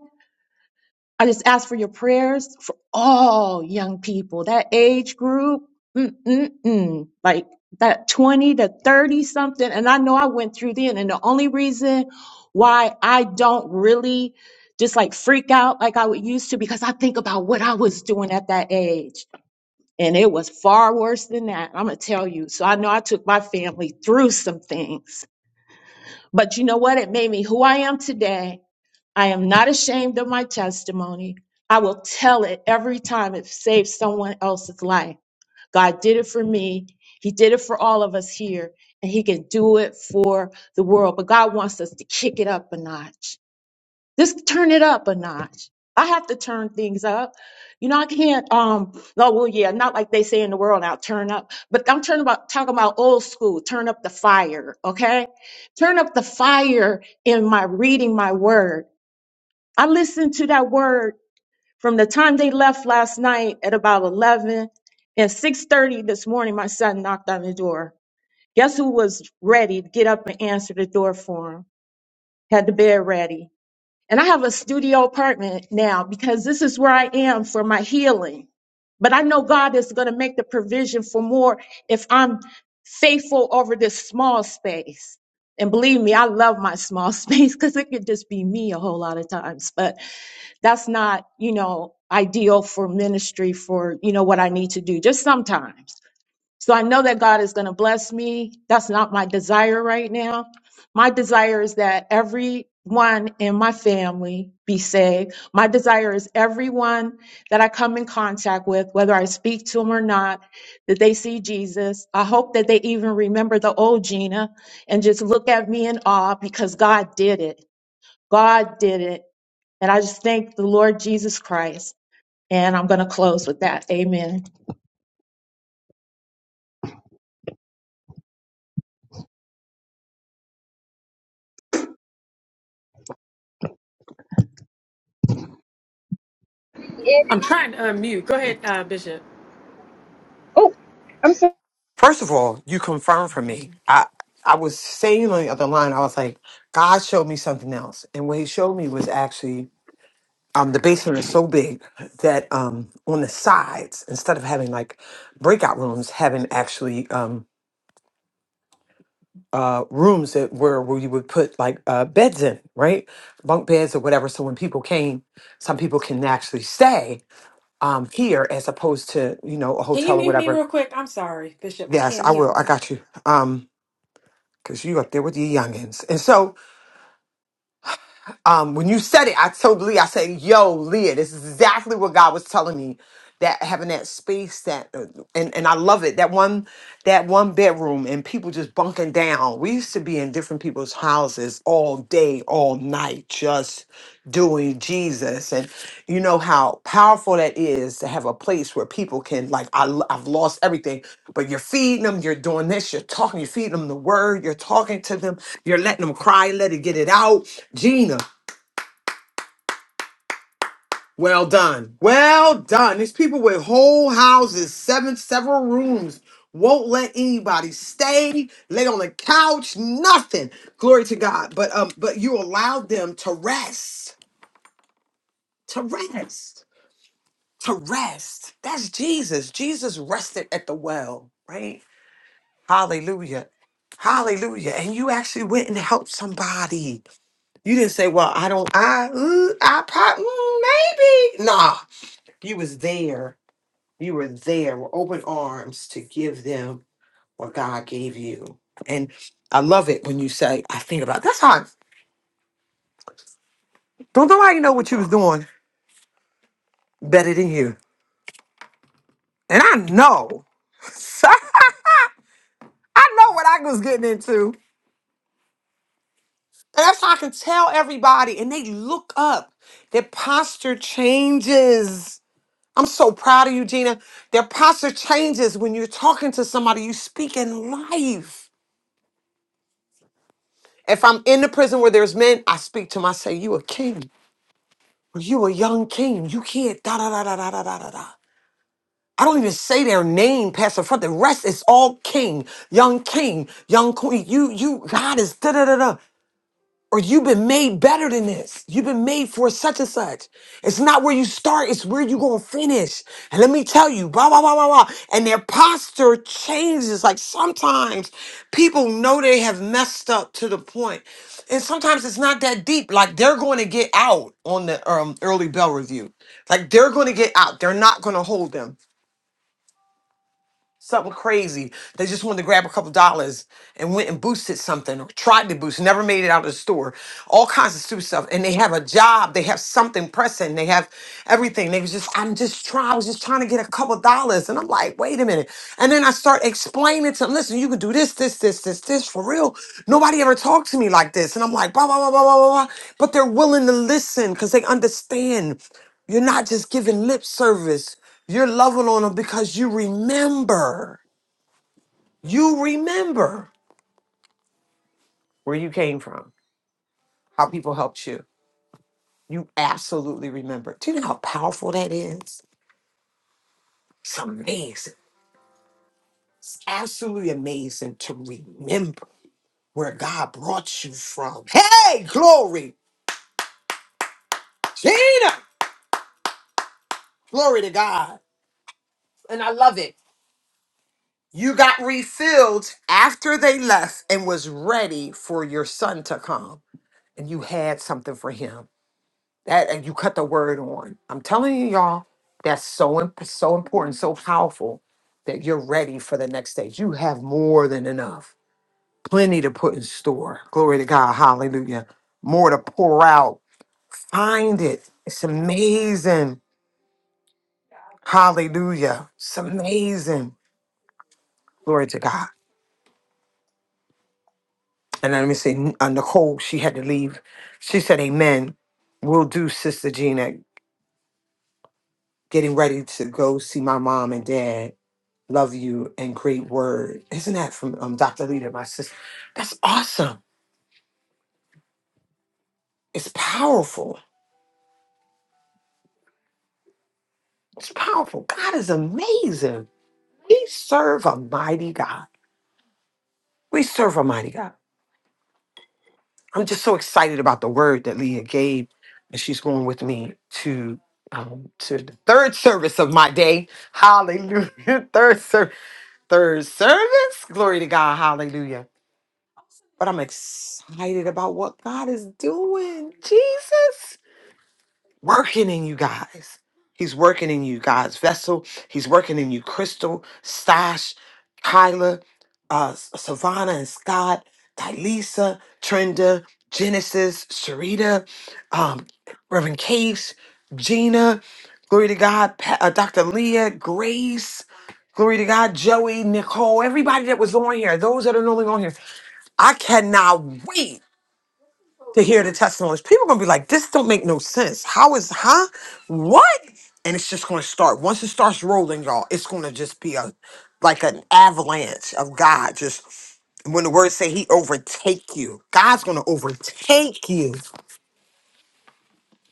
G: I just ask for your prayers for all young people, that age group, mm-mm-mm, like that 20 to 30 something. And I know I went through then. And the only reason why I don't really just like freak out like I would used to, because I think about what I was doing at that age. And it was far worse than that. I'm going to tell you. So I know I took my family through some things. But you know what? It made me who I am today I am not ashamed of my testimony. I will tell it every time it saves someone else's life. God did it for me. He did it for all of us here, and He can do it for the world. But God wants us to kick it up a notch. Just turn it up a notch. I have to turn things up. You know, I can't, um, no, well, yeah, not like they say in the world now, turn up, but I'm turning about, talking about old school, turn up the fire, okay? Turn up the fire in my reading my word I listened to that word from the time they left last night at about 11 and 6:30 this morning my son knocked on the door. Guess who was ready to get up and answer the door for him? Had the bed ready. And I have a studio apartment now because this is where I am for my healing. But I know God is going to make the provision for more if I'm faithful over this small space. And believe me, I love my small space because it could just be me a whole lot of times. But that's not, you know, ideal for ministry for, you know, what I need to do, just sometimes. So I know that God is going to bless me. That's not my desire right now. My desire is that everyone in my family be saved. My desire is everyone that I come in contact with, whether I speak to them or not, that they see Jesus. I hope that they even remember the old Gina and just look at me in awe because God did it. God did it. And I just thank the Lord Jesus Christ. And I'm going to close with that. Amen.
H: Yeah.
C: I'm trying to unmute. Go ahead, uh, Bishop.
H: oh, I'm sorry.
A: First of all, you confirmed for me. I I was saying on the other line, I was like, God showed me something else. And what he showed me was actually um the basement is so big that um on the sides, instead of having like breakout rooms, having actually um uh rooms that were where you would put like uh beds in, right? Bunk beds or whatever. So when people came, some people can actually stay um here as opposed to, you know, a
C: Can you
A: hotel or
C: mute me
A: whatever.
C: real quick? I'm sorry, Bishop. I
A: Yes,
C: can't
A: I
C: mute.
A: will. I got you. Um because you up there with your youngins. And so um, when you said it, I told Leah, I said, "Yo, Leah, this is exactly what God was telling me." That having that space, that uh, and and I love it. That one, that one bedroom, and people just bunking down. We used to be in different people's houses all day, all night, just doing Jesus. And you know how powerful that is to have a place where people can like, I, lo- I've lost everything, but you're feeding them, you're doing this, you're talking, you're feeding them the word, you're talking to them, you're letting them cry, let it get it out. Gina. Well done. Well done. There's people with whole houses, seven, several rooms, won't let anybody stay, lay on the couch, nothing. Glory to God. But um, but you allowed them to rest. To rest. To rest. That's Jesus. Jesus rested at the well, right? Hallelujah. Hallelujah. And you actually went and helped somebody. You didn't say, well, I don't, I, mm, I probably, maybe. Nah, you was there you were there with open arms to give them what God gave you. And I love it when you say, I think about that's how don't nobody know what you was doing better than you. And I know. I know what I was getting into. And that's how I can tell everybody. And they look up. Their posture changes. I'm so proud of you, Gina. Their posture changes when you're talking to somebody. You speak in life. If I'm in the prison where there's men, I speak to them. I say, You a king. Well, You a young king. You can't da da da da da da da da da. I don't even say their name past the front. The rest is all king, young king, young queen. You, you, God is da da da da. Or you've been made better than this. You've been made for such and such. It's not where you start, it's where you're gonna finish. And let me tell you, blah, blah, blah, blah, blah. And their posture changes. Like sometimes people know they have messed up to the point. And sometimes it's not that deep. Like they're gonna get out on the um, early bell review. Like they're gonna get out. They're not gonna hold them something crazy. They just wanted to grab a couple dollars and went and boosted something or tried to boost, never made it out of the store. All kinds of stupid stuff. And they have a job, they have something pressing, they have everything. They was just, I'm just trying, I was just trying to get a couple dollars. And I'm like, wait a minute. And then I start explaining to them, listen, you can do this, this, this, this, this for real. Nobody ever talked to me like this. And I'm like, blah, blah, blah, blah, blah, blah. blah. But they're willing to listen because they understand you're not just giving lip service. You're loving on them because you remember. You remember where you came from, how people helped you. You absolutely remember. Do you know how powerful that is? It's amazing. It's absolutely amazing to remember where God brought you from. Hey, glory. Gina, glory to God. And I love it. You got refilled after they left and was ready for your son to come. And you had something for him That and you cut the word on. I'm telling you, y'all, that's so imp- so important, so powerful that you're ready for the next stage. You have more than enough, plenty to put in store. Glory to God, Hallelujah. More to pour out. Find it. It's amazing, Hallelujah. It's amazing, glory to God. And let me say, uh, Nicole, she had to leave. She said, "Amen." We'll do, Sister Gina. Getting ready to go see my mom and dad Love you and great word. Isn't that from um, Dr. Leader, my sister? That's awesome. It's powerful. It's powerful. God is amazing. We serve a mighty God. We serve a mighty God. I'm just so excited about the word that Leah gave, and she's going with me to um, to the third service of my day. Hallelujah. Third service. Third service. Glory to God. Hallelujah but I'm excited about what God is doing. Jesus. working in you guys. He's working in you guys, Vessel. He's working in you, Crystal, Stash, Kyla, uh, S- Savannah and Scott, Tylisa, Trenda, Genesis, Sharita, um, Reverend Case, Gina, glory to God, Pa- uh, Dr. Leah, Grace, glory to God, Joey, Nicole, everybody that was on here, those that are no longer on here. I cannot wait to hear the testimonies. People are gonna be like, this don't make no sense. How is huh? What? And it's just gonna start. Once it starts rolling, y'all, it's gonna just be a like an avalanche of God. Just when the words say he overtake you, God's gonna overtake you.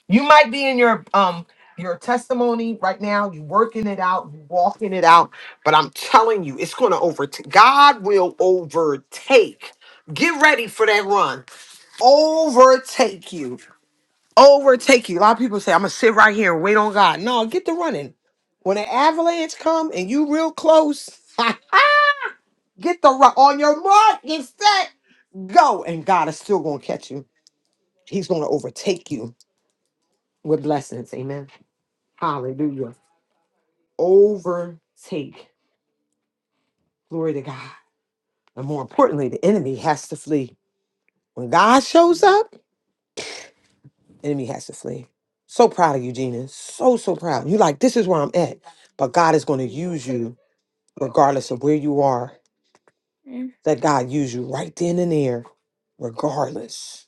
A: You might be in your um your testimony right now, you working it out, you walking it out, but I'm telling you, it's gonna overtake God will overtake. Get ready for that run. Overtake you overtake you. A lot of people say, I'm gonna sit right here and wait on God. No, get to running. When an avalanche come and you real close, get the run on your mark, get set, go. And God is still gonna catch you. He's gonna overtake you with blessings. Amen. Hallelujah. Overtake. Glory to God. And more importantly, the enemy has to flee. When God shows up, enemy has to flee. So proud of you, Gina. So, so proud. You like, this is where I'm at. But God is going to use you regardless of where you are. Let God use you right then and there, regardless.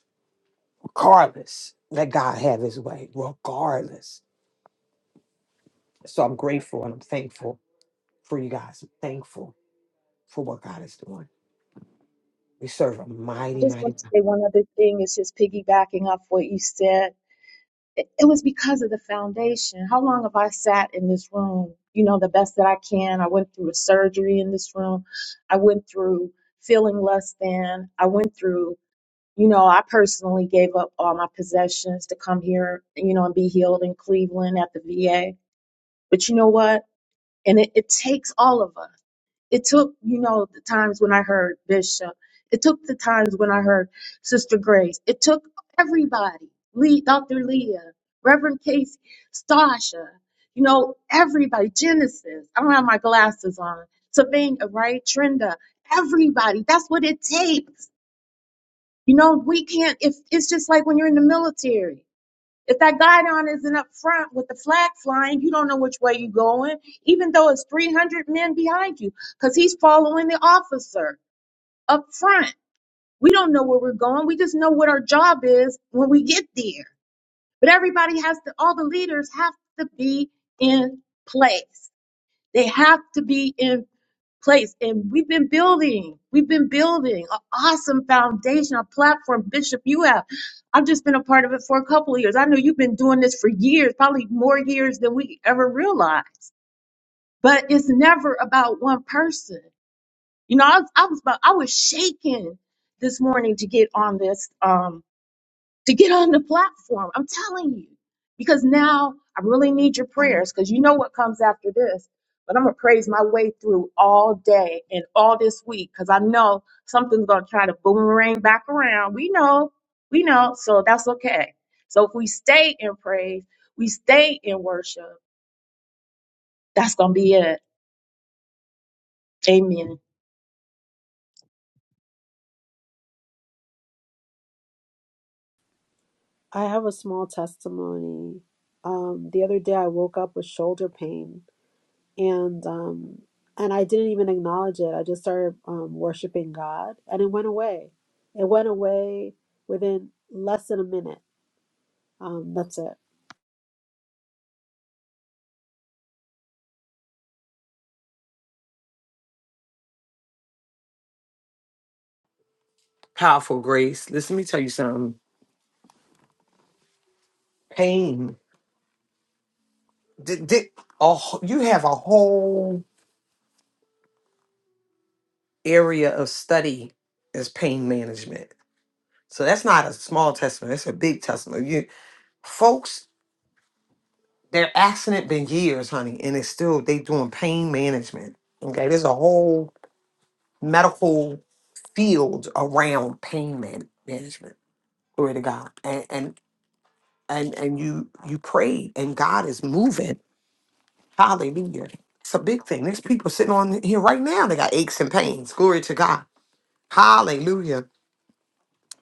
A: Regardless. Let God have his way, regardless. So I'm grateful and I'm thankful for you guys. I'm thankful for what God is doing. We serve a
G: I
A: mighty,
G: just
A: mighty
G: want to
A: God.
G: say one other thing. It's just piggybacking off what you said. It, it was because of the foundation. How long have I sat in this room? You know, the best that I can. I went through a surgery in this room. I went through feeling less than. I went through, you know, I personally gave up all my possessions to come here, you know, and be healed in Cleveland at the VA. But you know what? And it, it takes all of us. It took, you know, the times when I heard Bishop. It took the times when I heard Sister Grace. It took everybody, Lee, Dr. Leah, Reverend Casey, Stasha, you know, everybody, Genesis. I don't have my glasses on. Savannah, right? Trinda, everybody. That's what it takes. You know, we can't, if, it's just like when you're in the military. If that guidon isn't up front with the flag flying, you don't know which way you're going, even though it's 300 men behind you, because he's following the officer up front. We don't know where we're going. We just know what our job is when we get there. But everybody has to, all the leaders have to be in place. They have to be in place. And we've been building, we've been building an awesome foundation, a platform. Bishop, you have. I've just been a part of it for a couple of years. I know you've been doing this for years, probably more years than we ever realized. But it's never about one person. You know, I was, I was about, I was shaking this morning to get on this. Um, to get on the platform. I'm telling you, because now I really need your prayers because you know what comes after this. But I'm going to praise my way through all day and all this week because I know something's going to try to boomerang back around. We know, we know. So that's okay. So if we stay in praise, we stay in worship, that's going to be it. Amen.
D: I have a small testimony. Um, the other day, I woke up with shoulder pain, and um, and I didn't even acknowledge it. I just started um, worshiping God, and it went away. It went away within less than a minute. Um, that's it.
A: powerful grace. Listen, let me tell you something. Pain. Did, did, a wh- you have a whole area of study as pain management. So that's not a small testament. That's a big testament. You folks They're asking it been years, honey, and it's still they doing pain management. Okay, there's a whole medical field around pain man- management. Glory to God, and and and and you you pray, and God is moving. Hallelujah. It's a big thing. There's people sitting on here right now. They got aches and pains. Glory to God. Hallelujah.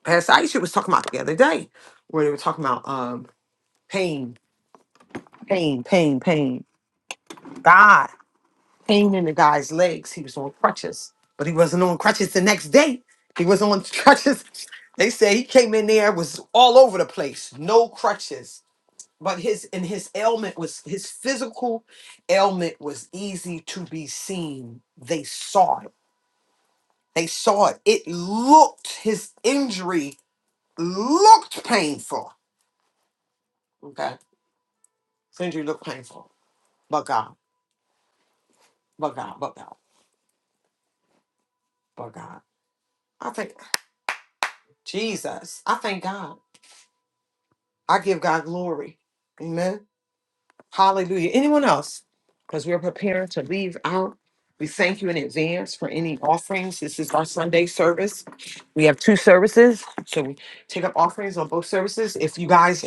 A: Pastor Aisha was talking about the other day, where they were talking about um pain, pain, pain, pain. God. pain in the guy's legs. He was on crutches, but he wasn't on crutches the next day. He was on crutches. They say he came in there was all over the place, no crutches. But his and his ailment was his physical ailment was easy to be seen. They saw it. They saw it. It looked his injury looked painful. Okay, his injury looked painful. But God, but God, but God, but God. I thank Jesus. I thank God. I give God glory. Amen. Hallelujah. Anyone else? Because we're preparing to leave out. We thank you in advance for any offerings. This is our Sunday service. We have two services. So we take up offerings on both services. If you guys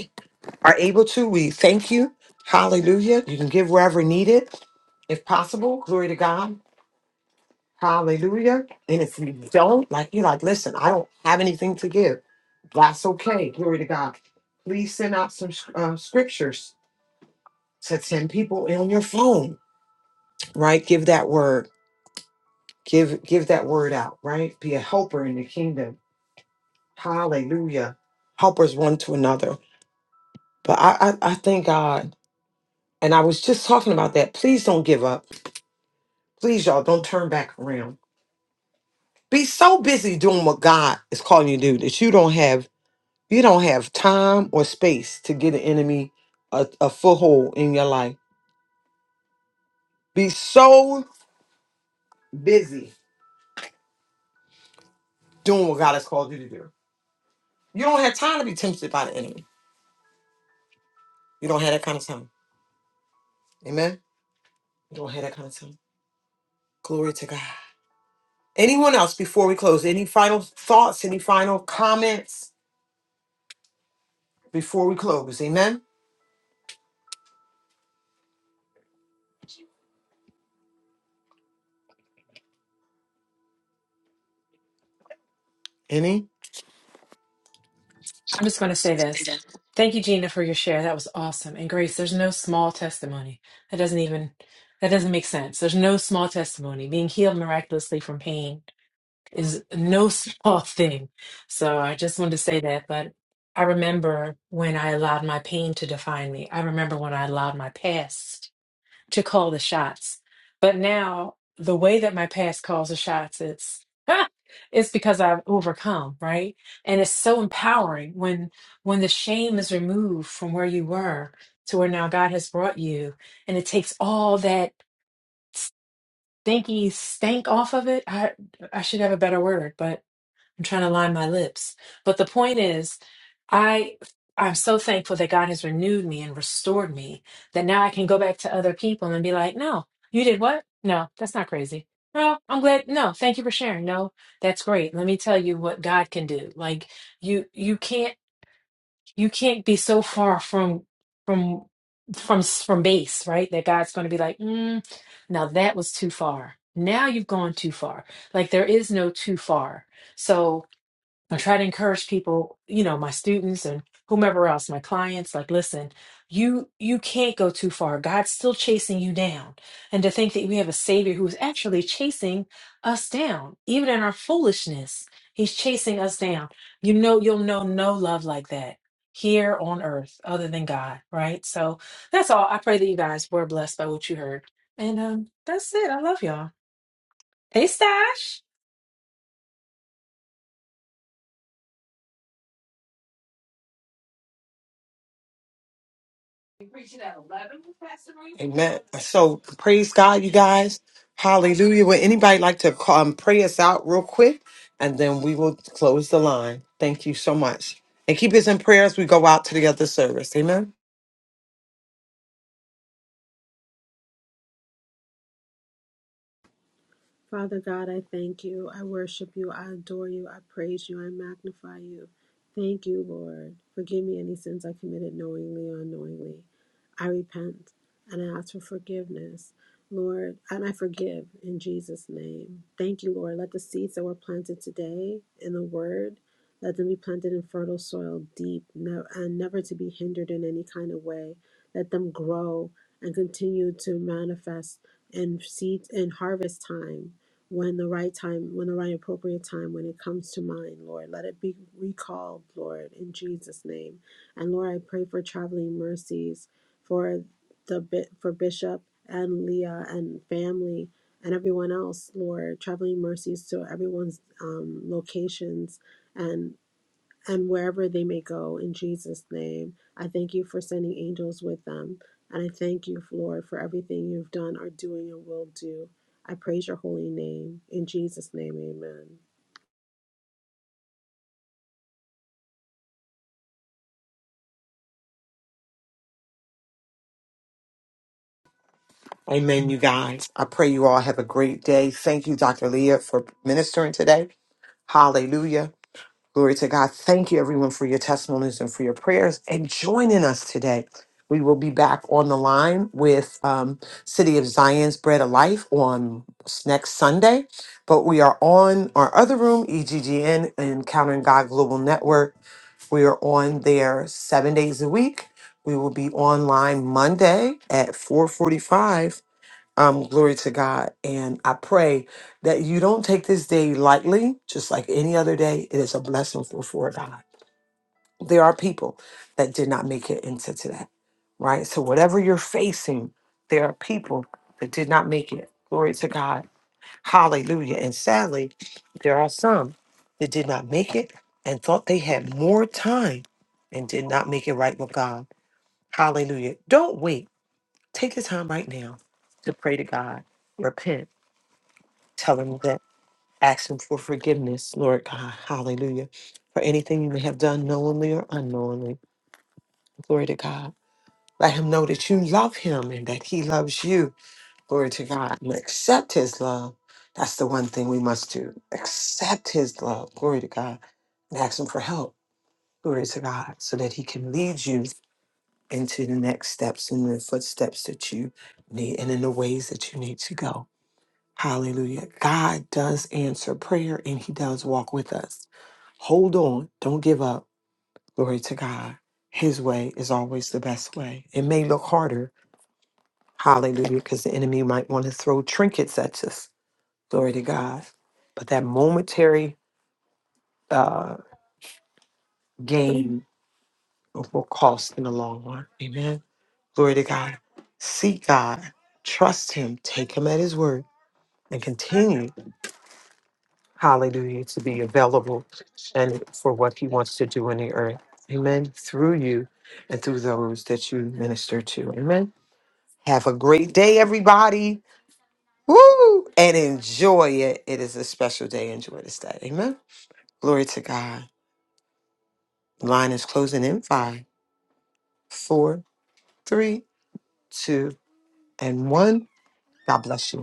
A: are able to, we thank you. Hallelujah. You can give wherever needed, if possible. Glory to God. Hallelujah. And if you don't, like, you're like, listen, I don't have anything to give. That's okay. Glory to God. Please send out some uh, scriptures to 10 people on your phone, right? Give that word. Give give that word out, right? Be a helper in the kingdom. Hallelujah. Helpers one to another. But I, I, I thank God. And I was just talking about that. Please don't give up. Please, y'all, don't turn back around. Be so busy doing what God is calling you to do that you don't have You don't have time or space to get an enemy a, a foothold in your life. Be so busy doing what God has called you to do. You don't have time to be tempted by the enemy. You don't have that kind of time. Amen. You don't have that kind of time. Glory to God. Anyone else before we close? Any final thoughts? Any final comments before we close? Amen. Any?
C: I'm just going to say this. Thank you, Gina, for your share. That was awesome. And Grace, there's no small testimony. That doesn't even that doesn't make sense. There's no small testimony. Being healed miraculously from pain is no small thing. So I just wanted to say that. But I remember when I allowed my pain to define me. I remember when I allowed my past to call the shots. But now the way that my past calls the shots, it's it's because I've overcome, right? And it's so empowering when when the shame is removed from where you were to where now God has brought you, and it takes all that stinky stank off of it. I I should have a better word, I'm trying to line my lips. But the point is, I I'm so thankful that God has renewed me and restored me that now I can go back to other people and be like, "No, you did what? No, that's not crazy. No, I'm glad. No, thank you for sharing. No, that's great. Let me tell you what God can do. Like you you can't you can't be so far from from from from base, right? That God's going to be like, mm, "Now that was too far. Now you've gone too far." Like there is no too far. So I try to encourage people, you know, my students and whomever else, my clients, like, listen, you you can't go too far. God's still chasing you down. And to think that we have a savior who is actually chasing us down, even in our foolishness, he's chasing us down. You know, you'll know no love like that here on earth other than God, right? So that's all. I pray that you guys were blessed by what you heard. And um that's it. I love y'all. Hey Stash.
A: Amen. So praise God, you guys. Hallelujah. Would anybody like to call, um, pray us out real quick? And then we will close the line. Thank you so much. And keep us in prayer as we go out to the other service. Amen.
D: Father God, I thank you. I worship you. I adore you. I praise you. I magnify you. Thank you, Lord. Forgive me any sins I committed knowingly or unknowingly. I repent and I ask for forgiveness, Lord, and I forgive in Jesus' name. Thank you, Lord. Let the seeds that were planted today in the Word, let them be planted in fertile soil, deep, no, and never to be hindered in any kind of way. Let them grow and continue to manifest in seed in harvest time. When the right time, when the right appropriate time, when it comes to mind, Lord, let it be recalled, Lord, in Jesus' name. And Lord, I pray for traveling mercies for the bi- for Bishop and Leah and family and everyone else, Lord, traveling mercies to everyone's um, locations and and wherever they may go in Jesus' name. I thank you for sending angels with them. And I thank you, Lord, for everything you've done, are doing, and will do. I praise your holy name. In Jesus' name, amen.
A: Amen, you guys. I pray you all have a great day. Thank you, Dr. Leah, for ministering today. Hallelujah. Glory to God. Thank you, everyone, for your testimonies and for your prayers and joining us today. We will be back on the line with um, City of Zion's Bread of Life on s- next Sunday. But we are on our other room, EGGN, Encountering God Global Network. We are on there seven days a week. We will be online Monday at 4:45 um, glory to God. And I pray that you don't take this day lightly, just like any other day. It is a blessing for, for God. There are people that did not make it into today, right? So, whatever you're facing, there are people that did not make it. Glory to God. Hallelujah. And sadly, there are some that did not make it and thought they had more time and did not make it right with God. Hallelujah. Don't wait. Take the time right now to pray to God, repent Tell him that, ask him for forgiveness, Lord God. Hallelujah. For anything you may have done knowingly or unknowingly. Glory to God. Let him know that you love him and that he loves you. Glory to God. And accept his love. That's the one thing we must do. Accept his love. Glory to God. And ask him for help. Glory to God. So that he can lead you into the next steps and the footsteps that you need and in the ways that you need to go. Hallelujah. God does answer prayer and he does walk with us. Hold on. Don't give up. Glory to God. His way is always the best way. It may look harder. Hallelujah. Because the enemy might want to throw trinkets at us. Glory to God. But that momentary uh, gain will cost in the long run. Amen. Glory to God. Seek God. Trust him. Take him at his word and continue. hallelujah, to be available and for what he wants to do in the earth. Amen. Through you and through those that you minister to. Amen. Have a great day, everybody. Woo! And enjoy it. It is a special day. Enjoy this day. Amen. Glory to God. Line is closing in five, four, three, two, and one. God bless you.